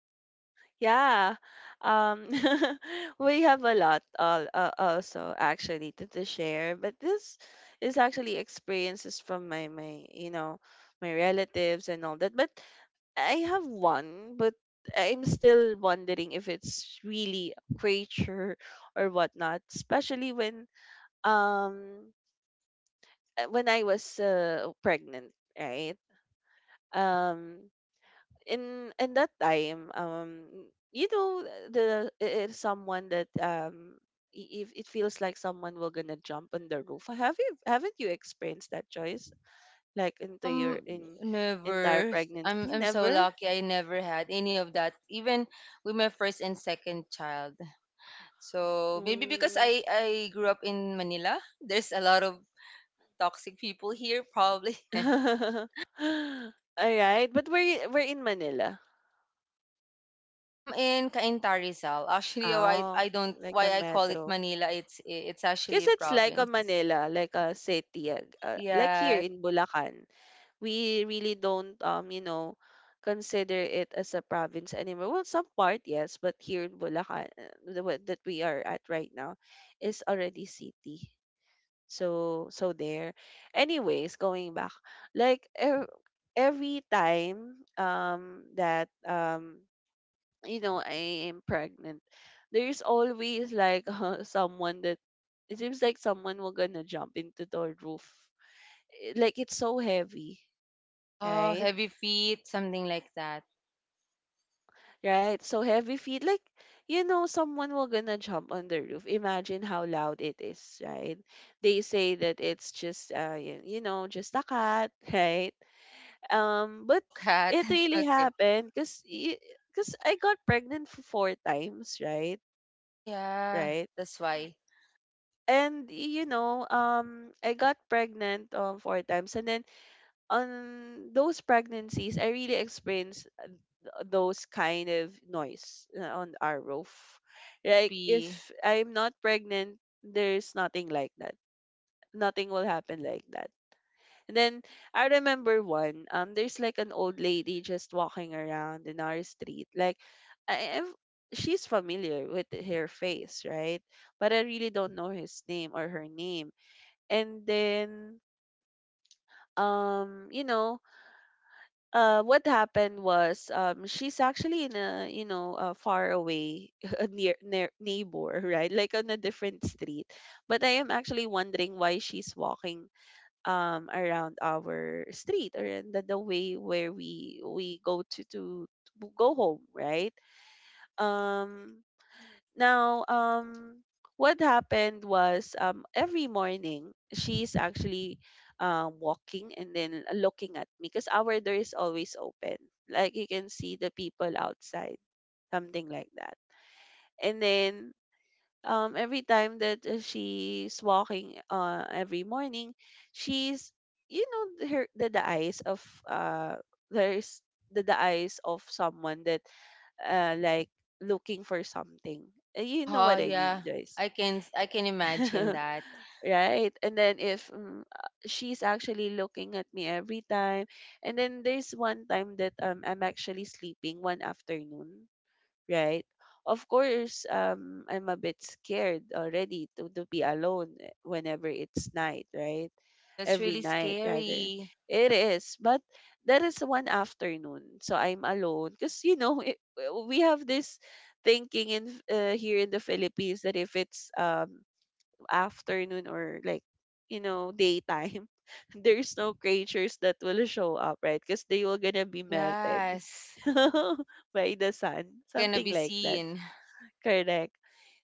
Speaker 1: yeah. Um, *laughs* we have a lot also actually to share, but this is actually experiences from my you know, my relatives and all that. But I have one, but I'm still wondering if it's really a creature or whatnot, especially um when I was pregnant, right? Um, in that time, you know, the it is someone that, if it feels like someone will gonna jump on the roof. Have you, haven't you experienced that choice, like into
Speaker 2: um
Speaker 1: your in entire
Speaker 2: never i'm
Speaker 1: pregnancy,
Speaker 2: i'm so
Speaker 1: never.
Speaker 2: lucky. I never had any of that, even with my first and second child. So maybe because
Speaker 1: Mm.
Speaker 2: I grew up in Manila, there's a lot of toxic people here, probably.
Speaker 1: *laughs*
Speaker 2: *laughs*
Speaker 1: All right, but we're in Manila.
Speaker 2: In Cainta Rizal, actually, why
Speaker 1: Oh,
Speaker 2: I don't
Speaker 1: like a
Speaker 2: why I call it
Speaker 1: metro,
Speaker 2: Manila, it's actually
Speaker 1: because
Speaker 2: a
Speaker 1: it's like a
Speaker 2: province.
Speaker 1: Manila, like a city, like here
Speaker 2: Yes.
Speaker 1: in Bulacan. We really don't, you know, consider it as a province anymore. Well, some part yes, but here in Bulacan, the one that we are at right now is already city. So there, anyways, going back, like every time that, you know, I am pregnant, there's always, like *laughs* someone that it seems like someone will gonna jump into the roof. Like it's so heavy,
Speaker 2: Oh,
Speaker 1: right?
Speaker 2: heavy feet, something like that.
Speaker 1: Right? So heavy feet, like, you know, someone will gonna jump on the roof. Imagine how loud it is, right? They say that it's just, you know, just a cat, *laughs* right?
Speaker 2: Oh,
Speaker 1: But
Speaker 2: cat.
Speaker 1: it
Speaker 2: *laughs*
Speaker 1: really
Speaker 2: Okay.
Speaker 1: happened because I got pregnant for four times, right?
Speaker 2: Ah, yeah.
Speaker 1: Right?
Speaker 2: That's why.
Speaker 1: And I got pregnant four times, and then on those pregnancies, I really experienced those kind of noise on our roof. Like
Speaker 2: Creepy.
Speaker 1: if I'm not pregnant, there's nothing like that. Nothing will happen like that. And then I remember one. There's like an old lady just walking around in our street. Like, I, I've, she's familiar with her face, right? But I really don't know his name or her name. And then, um, you know, what happened was, she's actually in a a far away *laughs* a near neighbor, right? Like on a different street, but I am actually wondering why she's walking around our street or in the way where we go to go home, right? um now, um, what happened was, every morning she's actually walking and then looking at me because our door is always open. Like you can see the people outside, something like that. And then, every time that she's walking, every morning, she's, her, the eyes of, uh there's the eyes of someone that, like, looking for something. You know
Speaker 2: Oh,
Speaker 1: what I mean,
Speaker 2: yeah.
Speaker 1: Joyce.
Speaker 2: I can imagine
Speaker 1: *laughs*
Speaker 2: that.
Speaker 1: Right, and then, if, she's actually looking at me every time, and then there's one time that, I'm actually sleeping one afternoon, right? Of course, I'm a bit scared already to be alone eh, whenever it's night, right?
Speaker 2: That's
Speaker 1: Every
Speaker 2: really
Speaker 1: night, rather.
Speaker 2: scary.
Speaker 1: It is. But that is one afternoon. So I'm alone. Because, *laughs* we have this thinking in, here in the Philippines, that if it's, afternoon, or like, daytime, *laughs* there's no creatures that will show up, right? Because they will gonna be melted
Speaker 2: Yes.
Speaker 1: *laughs* by the sun,
Speaker 2: They're gonna
Speaker 1: something
Speaker 2: be
Speaker 1: like that.
Speaker 2: seen.
Speaker 1: Correct.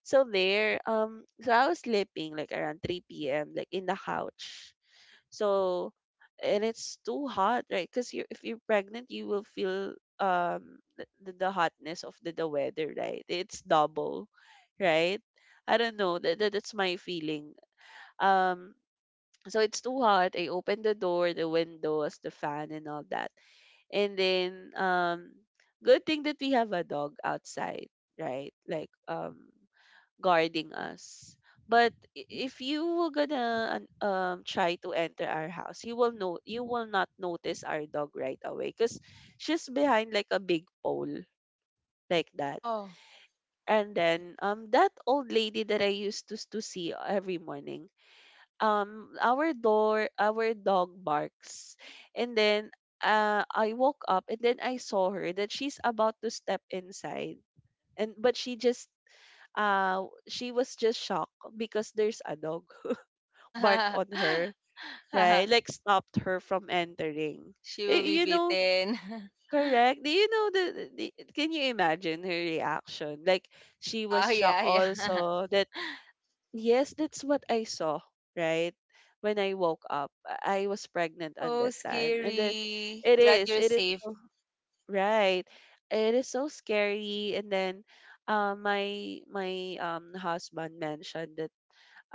Speaker 1: So there, so I was sleeping like around 3 p.m like in the couch. So, and it's too hot, right? Because you if you're pregnant, you will feel, the hotness of the weather, right? It's double, right? I don't know, that's my feeling. um, so it's too hot. I opened the door, the windows, the fan, and all that. And then, good thing that we have a dog outside, right? Like, guarding us. But, if you were gonna, try to enter our house, you will not notice our dog right away because she's behind like a big pole, like that.
Speaker 2: Oh.
Speaker 1: And then, that old lady that I used to see every morning, our dog barks, and then, I woke up, and then I saw her that she's about to step inside. And but she just, she was just shocked because there's a dog *laughs* barked on
Speaker 2: *laughs*
Speaker 1: her, right? Like stopped her from entering.
Speaker 2: She will be
Speaker 1: You know,
Speaker 2: beaten. *laughs*
Speaker 1: correct. Do you know the can you imagine her reaction? Like she
Speaker 2: Wow,
Speaker 1: was shocked
Speaker 2: yeah, yeah. *laughs*
Speaker 1: also that. Yes, that's what I saw, right? When I woke up, I was pregnant on
Speaker 2: Oh,
Speaker 1: that time. And then,
Speaker 2: scary.
Speaker 1: it
Speaker 2: Glad
Speaker 1: is,
Speaker 2: you're
Speaker 1: it is
Speaker 2: safe.
Speaker 1: so- right. It is so scary. And then, my my husband mentioned that,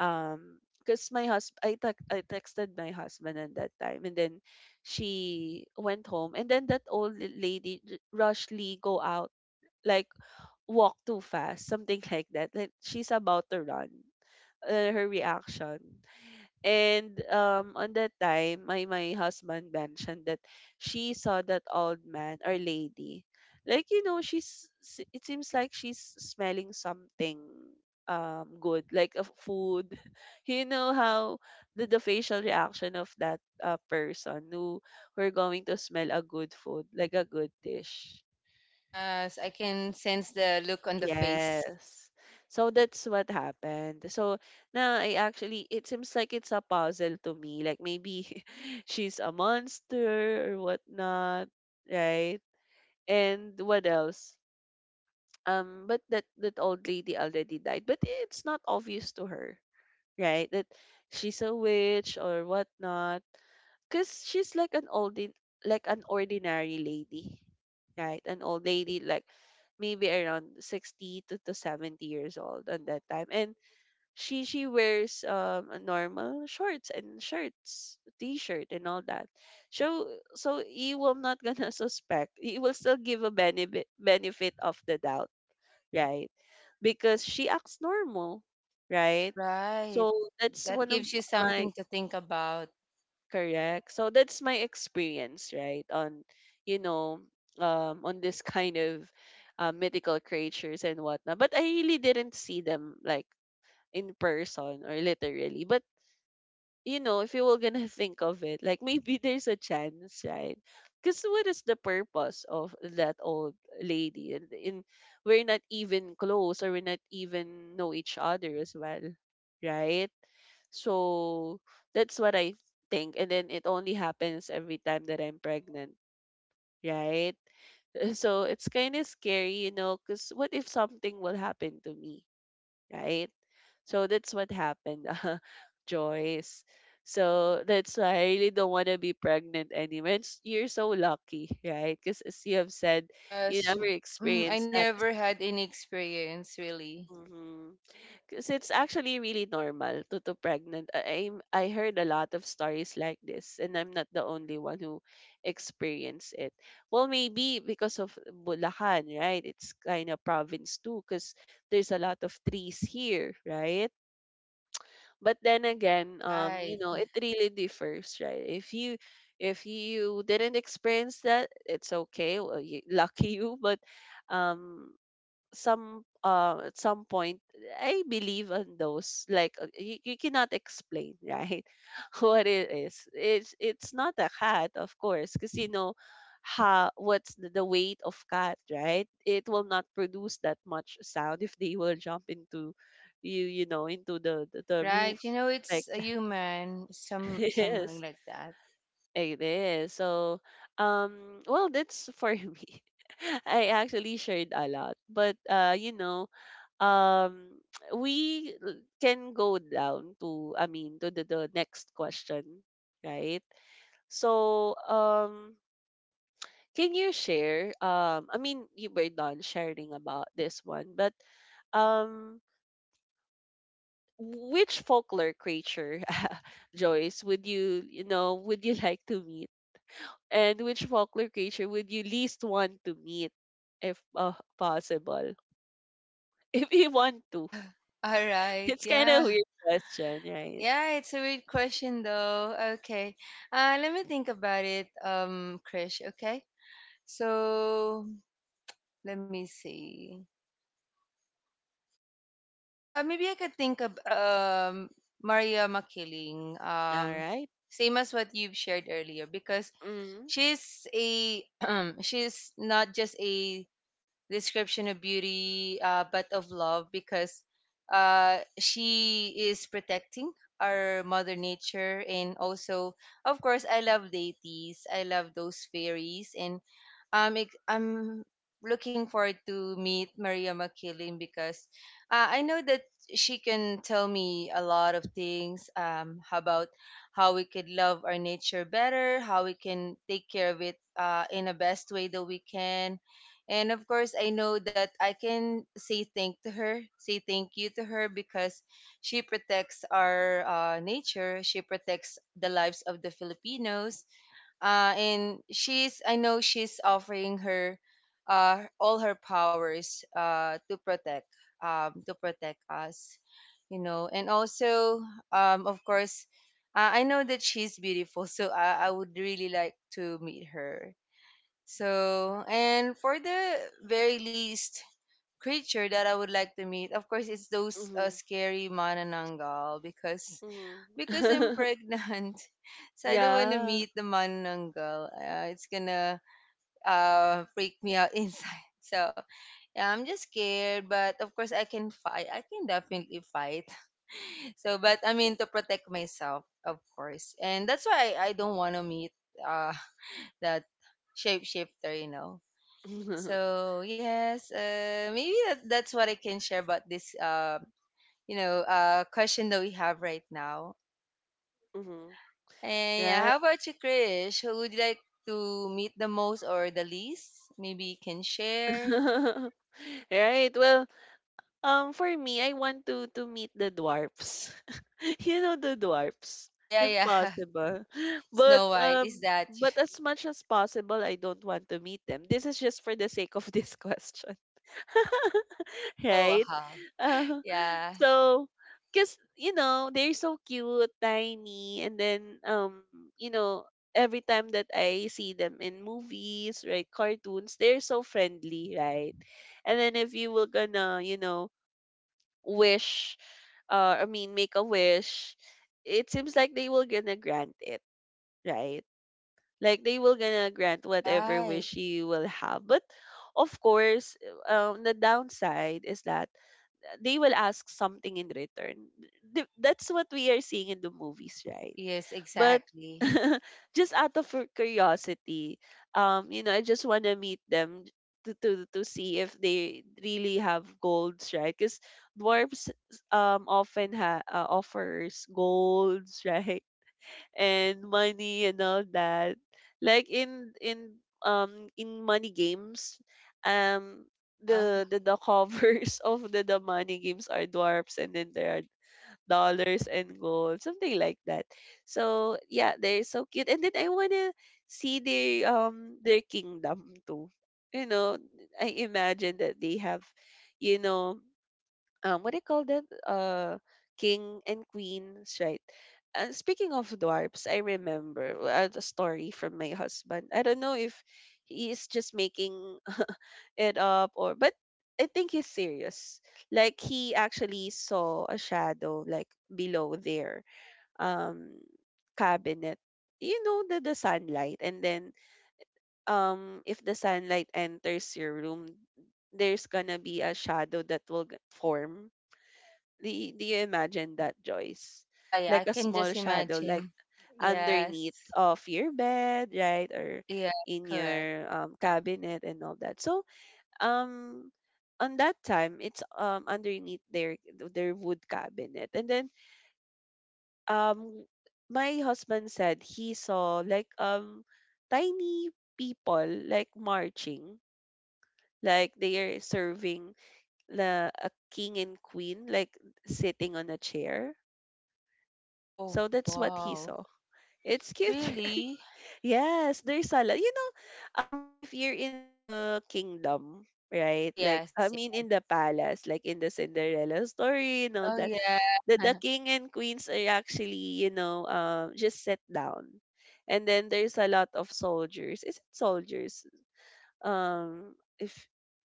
Speaker 1: um because my husband I, tex- I texted my husband at that time. And then she went home, and then that old lady rushly go out, like walk too fast, something *laughs* like that, like she's about to run, her reaction. And, on that time, my husband mentioned that, she saw that old man or lady, like, it seems like she's smelling something, good, like a food. *laughs* You know how the facial reaction of that, person who are going to smell a good food, like a good dish.
Speaker 2: Yes, I can sense the look on the face.
Speaker 1: Yes. So that's what happened. So now I actually, it seems like it's a puzzle to me. Like maybe *laughs* she's a monster or whatnot, right? And what else? But that old lady already died. But it's not obvious to her, right? That she's a witch or whatnot. Cause she's like an oldie, like an ordinary lady, right? An old lady, like maybe around 60 to 70 years old at that time. And she wears, a normal shorts and shirts t-shirt and all that. So so you will not gonna *laughs* suspect. You will still give a benefit of the doubt, right? Because she acts normal, right?
Speaker 2: Right.
Speaker 1: So that's
Speaker 2: That
Speaker 1: one of
Speaker 2: gives you
Speaker 1: my-
Speaker 2: something to think about.
Speaker 1: Correct. So that's my experience, right? You know, on this, *laughs* kind of, mythical creatures and whatnot. But I really didn't see them, like, in person or literally. But, if you were gonna *laughs* think of it, like maybe there's a chance, right? Because what is the purpose of that old lady? And in we're not even close, or we're not even know each other as well, right? So that's what I think. And then it only happens every time that I'm pregnant, right? *laughs* So it's kind of scary, because what if something will happen to me, right? So that's what happened, *laughs* Joyce. So that's why I really don't want to be pregnant anymore. And, you're so lucky, right? Because, as you have said, you
Speaker 2: Yes,
Speaker 1: never
Speaker 2: mm, I
Speaker 1: experienced that.
Speaker 2: never had any experience really.
Speaker 1: Because it's actually really normal to pregnant. I heard a lot of stories like this, and I'm not the only one who experienced it. Well, maybe because of Bulacan, right? It's kind of province too, because there's a lot of trees here, right? But then again,
Speaker 2: Right.
Speaker 1: it really differs, right? If you didn't experience that, it's okay. Well, you, lucky you. But, um, some, at some point I believe on those, like, you cannot explain *laughs* right? What it is, it's not a cat, of course, because you know how what's the weight of cat, right? It will not produce that much sound if they will jump into into the roof,
Speaker 2: Right. You know,
Speaker 1: like.
Speaker 2: it's a human,
Speaker 1: *laughs*
Speaker 2: some something
Speaker 1: Yes,
Speaker 2: like that. *sighs*
Speaker 1: it is so, well, that's for *laughs* me. I actually shared a lot, but, um *tsk* we, can go down to, I mean, to the next question, right? So, can you share, I mean, you were done sharing about this one, but, um which folklore creature *laughs* Joyce, would you, you know would you *laughs* like to meet? And which folklore creature would you least want to meet if, possible? *laughs* If you want to.
Speaker 2: Ah, all
Speaker 1: *laughs*
Speaker 2: right.
Speaker 1: It's kind
Speaker 2: Yeah.
Speaker 1: of weird question, right?
Speaker 2: Yeah, it's a weird question though. Okay. Let me think about it, Krish, okay? So, let me see. Maybe I could think of Maria Makiling.
Speaker 1: All right.
Speaker 2: Same as what you've shared earlier, because
Speaker 1: Mm.
Speaker 2: she's a *clears throat* she's not just a description of beauty, but of love because she is protecting our mother nature, and also of course I love deities, I love those fairies, and I'm looking forward to meet Maria Makiling because I know that she can tell me a lot of things about how we could love our nature better, how we can take care of it in the best way that we can, and of course, I know that I can say thank to her, say thank you to her because she protects our nature, she protects the lives of the Filipinos. And she's, I know she's offering her all her powers to protect us, you know. And also, of course, I know that she's beautiful, *laughs* so I would really like to meet her. So, and for the very least creature that I would like to meet, of course, it's those
Speaker 1: Mhm.
Speaker 2: scary manananggal. because
Speaker 1: Mhm.
Speaker 2: because I'm
Speaker 1: *laughs*
Speaker 2: pregnant, *laughs* so I don't want to
Speaker 1: Yeah.
Speaker 2: meet the manananggal. It's gonna freak me out *laughs* inside. So yeah, I'm just scared, but of course I can fight. I can definitely fight. *laughs* So, but I mean to protect myself, of course, and that's why I don't want to meet uh *laughs* that shapeshifter, you know.
Speaker 1: *laughs*
Speaker 2: So yes, maybe that's what I can share about this, you know, question that we have right now.
Speaker 1: Mhm.
Speaker 2: And yeah,
Speaker 1: Right.
Speaker 2: how about you, Krish? Who would you like to meet the most or the least? Maybe you can share.
Speaker 1: *laughs* Right. Well, for me, I want to meet the dwarfs. *laughs* You know the dwarfs,
Speaker 2: Yeah,
Speaker 1: if
Speaker 2: yeah. *laughs*
Speaker 1: possible. *laughs* But
Speaker 2: Snow White, is
Speaker 1: um,
Speaker 2: that you?
Speaker 1: but
Speaker 2: *laughs*
Speaker 1: as much as possible, I don't want to meet them. This is just for the sake of this *laughs* question,
Speaker 2: Oh
Speaker 1: right? *laughs*
Speaker 2: wow.
Speaker 1: Uh,
Speaker 2: Yeah.
Speaker 1: so, because, they're so cute, tiny, and then, you know, every time that I see them in movies, right, cartoons, they're so friendly, right? And then if you were gonna, wish, I mean, make a wish, it seems like they will gonna grant it, right? Like they will gonna grant whatever
Speaker 2: Right.
Speaker 1: wish you will have. But of course, the downside is that they will ask something in return. That's what we are seeing in the movies, right?
Speaker 2: Yes,
Speaker 1: But,
Speaker 2: exactly.
Speaker 1: *laughs* just out of curiosity, I just want to meet them, to, to see if they really have golds, right? Because dwarves, often, ha offers golds, *laughs* right? And money and all that. Like in money games, um
Speaker 2: Uh,
Speaker 1: the covers *laughs* of the money games are dwarfs, and then there are dollars and gold, something like that. So yeah, they're so cute. And then I wanna see their, their kingdom too. You know, I imagine that they have, you know, what do you call that? King and queens, right? Speaking of dwarfs, I remember, the story from my husband. I don't know if he is just making *laughs* it up or, but I think he's serious. Like he actually saw a shadow, like below their, um cabinet. You know the sunlight, and then, if the sunlight enters your room, there's gonna be a shadow that will form. Do you imagine that, Joyce?
Speaker 2: yeah, yeah. I
Speaker 1: Like a
Speaker 2: can
Speaker 1: small
Speaker 2: just
Speaker 1: shadow, like
Speaker 2: imagine. Yes.
Speaker 1: underneath of your bed, right? Or
Speaker 2: Yeah,
Speaker 1: in
Speaker 2: correct.
Speaker 1: your, cabinet and all that. So, um, on that time, it's, underneath their wood cabinet. And then, um, my husband said he saw like, tiny people like marching, like they are serving, la a king and queen, like sitting on a chair.
Speaker 2: Oh,
Speaker 1: So that's what he
Speaker 2: wow.
Speaker 1: saw. It's cute, *laughs* right?
Speaker 2: Really?
Speaker 1: Yes, there's a lot. If you're in the kingdom,
Speaker 2: Oh,
Speaker 1: right? Like,
Speaker 2: yes.
Speaker 1: I
Speaker 2: Yes.
Speaker 1: mean, in the palace, like in the Cinderella story and all
Speaker 2: Oh,
Speaker 1: that,
Speaker 2: yeah.
Speaker 1: the
Speaker 2: *laughs*
Speaker 1: king and queens are actually, just sit down. And then there's a lot of soldiers. Is it soldiers? Um, if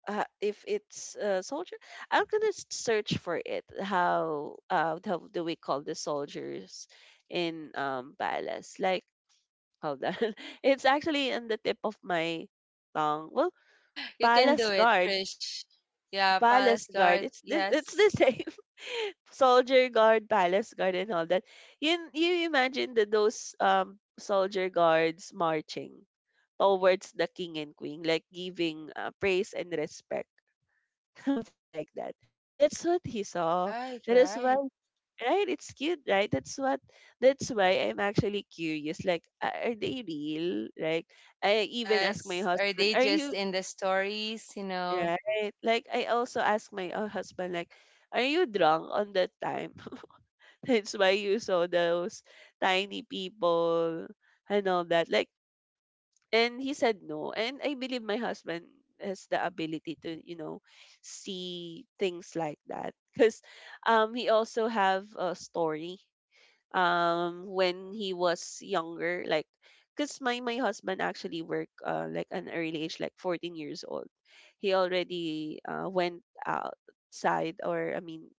Speaker 1: if it's soldier, I'm gonna search for it. How how do we call the soldiers in palace, like, hold on, *laughs* it's actually on the tip of my tongue. Well,
Speaker 2: You can
Speaker 1: palace
Speaker 2: do it,
Speaker 1: guard,
Speaker 2: Krish. Yeah, Palace
Speaker 1: palace guard.
Speaker 2: Guard.
Speaker 1: It's the, it's
Speaker 2: Yes.
Speaker 1: the same *laughs* soldier guard, palace guard, and all that. You imagine that those soldier guards marching towards the king and queen, like giving praise and respect, *laughs* something like that. That's what he saw.
Speaker 2: Right,
Speaker 1: That is why,
Speaker 2: right.
Speaker 1: right? It's cute, right? That's what. That's why I'm actually curious. Like, are they real? Like, I even asked my
Speaker 2: Yes. Are
Speaker 1: husband,
Speaker 2: they
Speaker 1: "Are
Speaker 2: just
Speaker 1: you
Speaker 2: in the stories, you know?
Speaker 1: right?" Like, I also asked my husband, like, "Are you drunk on that time?" *laughs* That's why you saw those tiny people and all that. Like, and he said no. And I believe my husband has the ability to, you know, see things like that. Because he also have a story when he was younger. Like, because my husband actually worked like an early age, like 14 years old. He already went outside, or, I mean,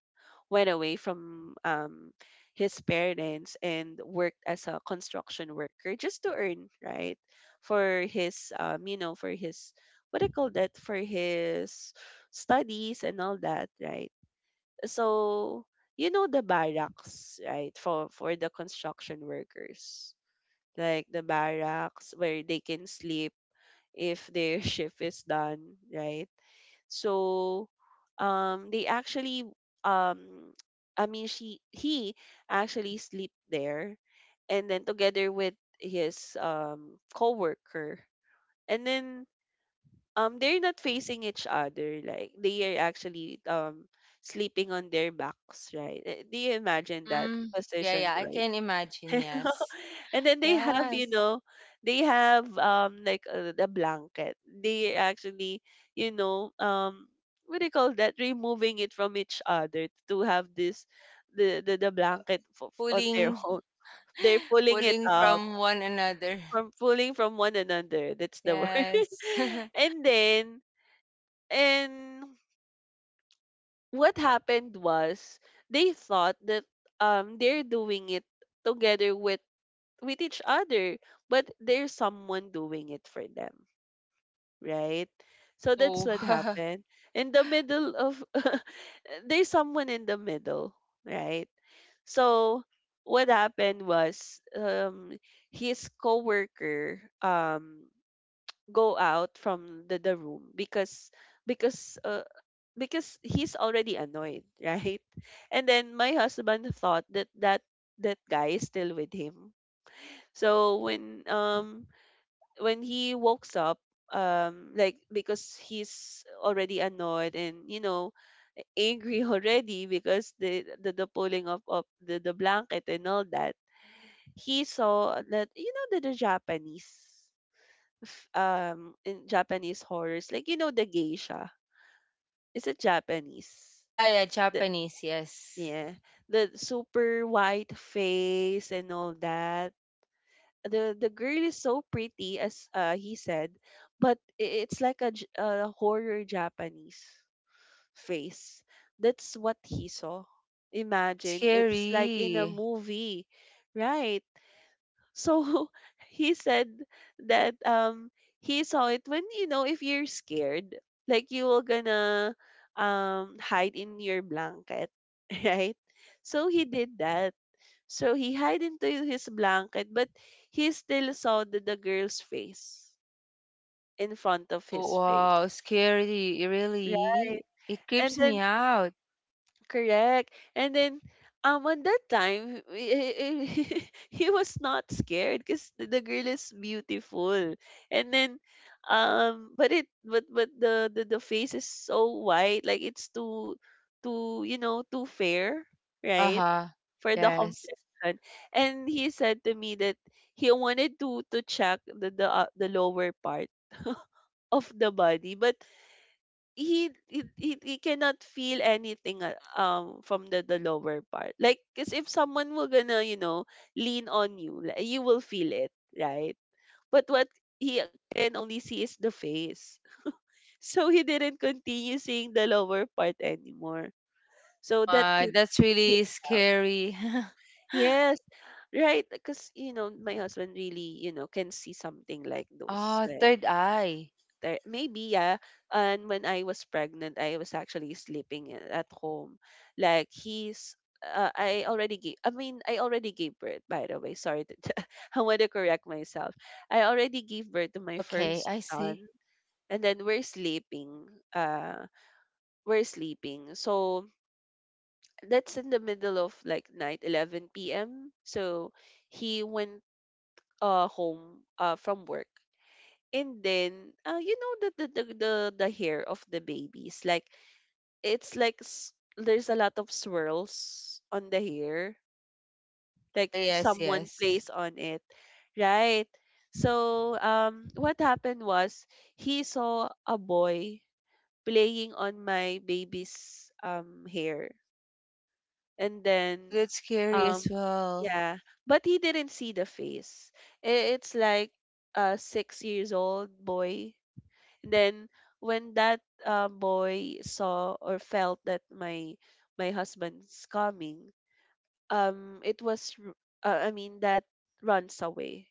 Speaker 1: went away from his parents and worked as a construction worker just to earn, right, for his you know, for his, what do you call that, for his studies and all that, right? So you know, the barracks, right, for the construction workers, like the barracks where they can sleep if their *laughs* shift is done, right? So they actually, um, I mean, she he actually sleep there, and then together with his coworker, and then they're not facing each other. Like, they are actually sleeping on their backs, right? Eh, do you imagine that
Speaker 2: Mm, yeah, yeah.
Speaker 1: position,
Speaker 2: I
Speaker 1: right?
Speaker 2: can imagine.
Speaker 1: *laughs*
Speaker 2: Yes.
Speaker 1: And then they have, you
Speaker 2: Yes.
Speaker 1: know, they have like the blanket. They actually, you know, what do you call that? Removing it from each other to have this the blanket on their *laughs*
Speaker 2: Pulling,
Speaker 1: own.
Speaker 2: *gasps*
Speaker 1: They're
Speaker 2: *laughs*
Speaker 1: pulling it
Speaker 2: pulling
Speaker 1: up
Speaker 2: from one another.
Speaker 1: from, pulling from one another. That's the word.
Speaker 2: Yes.
Speaker 1: *laughs*
Speaker 2: *laughs*
Speaker 1: and then and what happened was they thought that they're doing it together with each other, but there's someone doing it for them, right? So that's
Speaker 2: oh,
Speaker 1: what
Speaker 2: *laughs*
Speaker 1: happened. In the middle of, *laughs* there's someone in the middle, right? So what happened was, his coworker go out from the room because because uh, because he's already annoyed, *laughs* right? And then my husband thought that that guy is still with him. So when he wakes up, like because he's already annoyed and you know *laughs* angry already because the pulling up of the blanket and all that, he saw that, you know, the Japanese, in Japanese horrors, like, you know, the geisha. Is it Japanese?
Speaker 2: yeah, yeah.
Speaker 1: The
Speaker 2: Japanese. Yes.
Speaker 1: Yeah, the super white face and all that. The girl is so pretty, as he said, but it's like a, a horror Japanese face. That's what he saw.
Speaker 2: Oh,
Speaker 1: Imagine, it's like in a
Speaker 2: scary.
Speaker 1: movie, right? So *laughs* he said that he saw it. When you know, if you're scared, like, you were gonna hide in your blanket, *laughs* right? So he did that. So he hid into his blanket, but he still saw the girl's face in front of
Speaker 2: Oh,
Speaker 1: his face.
Speaker 2: wow, scary, really?
Speaker 1: Right.
Speaker 2: It creeps
Speaker 1: And
Speaker 2: me
Speaker 1: then,
Speaker 2: out.
Speaker 1: correct. And then, on that time, *laughs* he was not scared because the girl is beautiful. And then, but it, but the, the face is so white, like it's too, too, you know, too fair, right?
Speaker 2: Uh-huh.
Speaker 1: For the
Speaker 2: Yes.
Speaker 1: compression. And he said to me that he wanted to check the, the lower part of the body, but he cannot feel anything from the lower part. Like, cause if someone will gonna, you know, lean on you, like, you will feel it, right? But what he can only see is the face. *laughs* So he didn't continue seeing the lower part anymore.
Speaker 2: Oh
Speaker 1: So that
Speaker 2: my,
Speaker 1: creeps
Speaker 2: that's
Speaker 1: him
Speaker 2: really
Speaker 1: out.
Speaker 2: scary. *laughs*
Speaker 1: Yes, right, because you know my husband really, you know, can see something like those.
Speaker 2: Ah,
Speaker 1: Like,
Speaker 2: third eye.
Speaker 1: there- maybe, yeah. And when I was pregnant, I was actually sleeping at home. Like, he's, I already gave. I mean, I already gave birth. By the way, sorry, *laughs* I want to correct myself. I already gave birth to my
Speaker 2: Okay,
Speaker 1: first
Speaker 2: I
Speaker 1: son,
Speaker 2: see.
Speaker 1: and then we're sleeping. Uh, we're sleeping. So that's in the middle of like night, 11 p.m. So he went home from work, and then you know the hair of the babies, like, it's like there's a lot of swirls on the hair,
Speaker 2: Ah,
Speaker 1: like
Speaker 2: yes,
Speaker 1: someone
Speaker 2: yes.
Speaker 1: plays on it, right? So what happened was, he saw a boy playing on my baby's hair, and then
Speaker 2: Oh, that's scary as
Speaker 1: um
Speaker 2: well.
Speaker 1: yeah, but he didn't see the face. It's like a 6 years old boy. Then, when that boy saw or felt that my husband's coming, it was I mean, that runs away,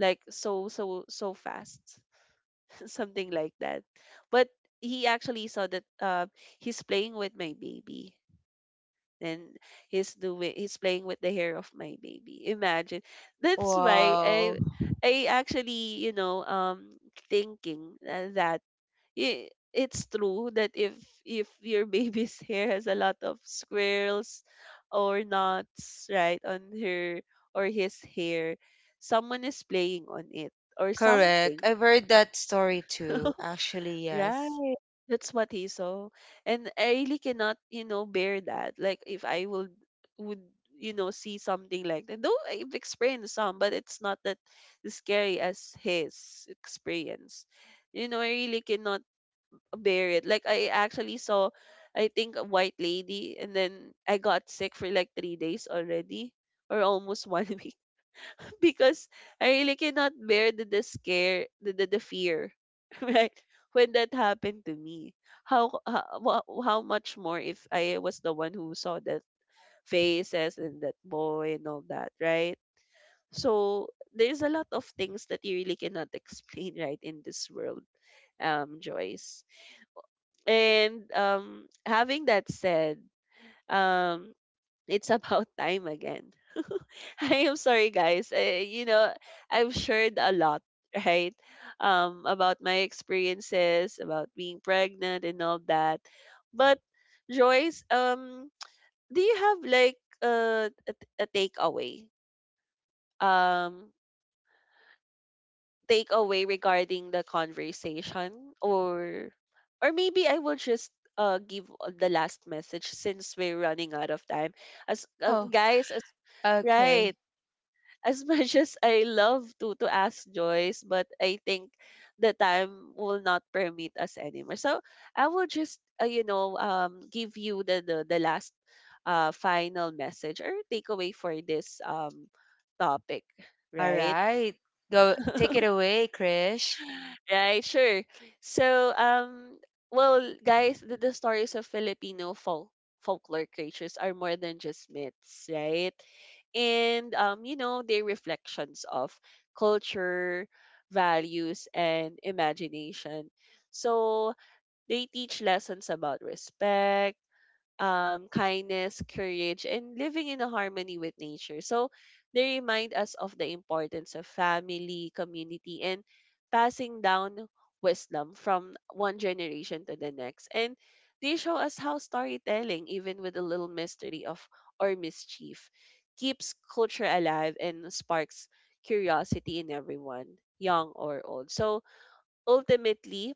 Speaker 1: like, so fast, *laughs* something like that. But he actually saw that he's playing with my baby, and he's playing with the hair of my baby. Imagine, that's why
Speaker 2: Wow.
Speaker 1: I actually, you know, thinking that, it's true that if your *laughs* baby's hair has a lot of squirrels or knots, right, on her or his hair, someone is playing on it or
Speaker 2: Correct.
Speaker 1: something.
Speaker 2: I've heard that story too.
Speaker 1: *laughs*
Speaker 2: Actually, yes.
Speaker 1: Right. That's what he saw. And I really cannot, you know, bear that. Like, if I would would, you know, see something like that. Though I've experienced some, but it's not that scary as his experience. You know, I really cannot bear it. Like, I actually saw, I think, a white lady, and then I got sick for like 3 days already, or almost one *laughs* week, because I really cannot bear the scare, the, the fear, *laughs* right? When that happened to me, how much more if I was the one who saw that faces and that boy and all that, right? So there's a lot of things that you really cannot *laughs* explain, right, in this world, Joyce. And having that said, um, it's *laughs* about time again. *laughs* I am sorry, guys. I, you know, I've shared a lot, right? About my experiences, about being pregnant and all that. But Joyce, *tsk* do you have like a takeaway? Um, takeaway regarding the conversation, or maybe I will just give the last message since we're running out of time. As
Speaker 2: Oh,
Speaker 1: guys, as right,
Speaker 2: okay.
Speaker 1: as *laughs* much as I love to ask Joyce, but I think the time will not permit us anymore. So I will just you know, give you the last final message or takeaway for this topic,
Speaker 2: All
Speaker 1: right?
Speaker 2: right. Go
Speaker 1: *laughs*
Speaker 2: take it away, Krish.
Speaker 1: Right, sure. So, well, guys, the stories of Filipino folklore creatures are more than just myths, right? And you know, they're reflections of culture, values, and imagination. So they teach lessons about respect, kindness, courage, and living in a harmony with nature. So they remind us of the importance of family, community, and passing down wisdom from one generation to the next. And they show us how storytelling, even with a little mystery of or mischief, keeps culture alive and sparks curiosity in everyone, young or old. So ultimately,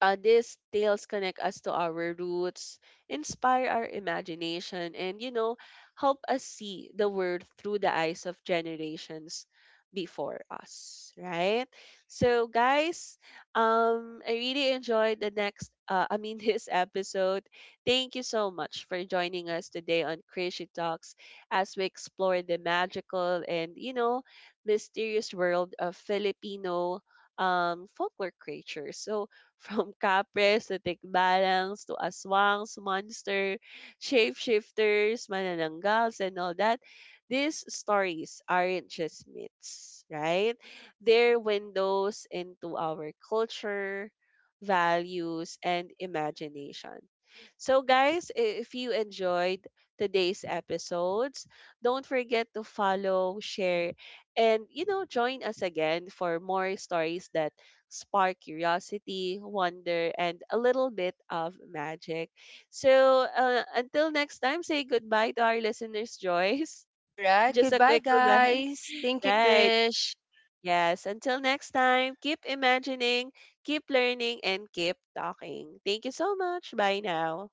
Speaker 1: these tales connect us to our roots, inspire our imagination, and you know, help us see the world through the eyes of generations before us, right? So, guys, I really enjoyed I mean, *laughs* this episode. Thank you so much for joining us today on Crazy Talks, as we explore the magical and, you know, mysterious world of Filipino folklore creatures. So from kapres to tikbalangs to aswangs, monster, shapeshifters, manananggals, and all that. These stories aren't just myths, right? They're windows into our culture, values, and imagination. So, guys, if you enjoyed today's episodes, don't forget to follow, share, and you know, join us again for more stories that spark curiosity, wonder, and a little bit of magic. So until next time, say goodbye to our listeners, Joyce.
Speaker 2: All
Speaker 1: *laughs*
Speaker 2: right.
Speaker 1: Just a
Speaker 2: Goodbye,
Speaker 1: quick goodbye.
Speaker 2: guys.
Speaker 1: *laughs*
Speaker 2: Thank you,
Speaker 1: Right.
Speaker 2: Krish.
Speaker 1: Yes. Until next time, keep imagining, keep learning, and keep talking. Thank you so much. Bye now.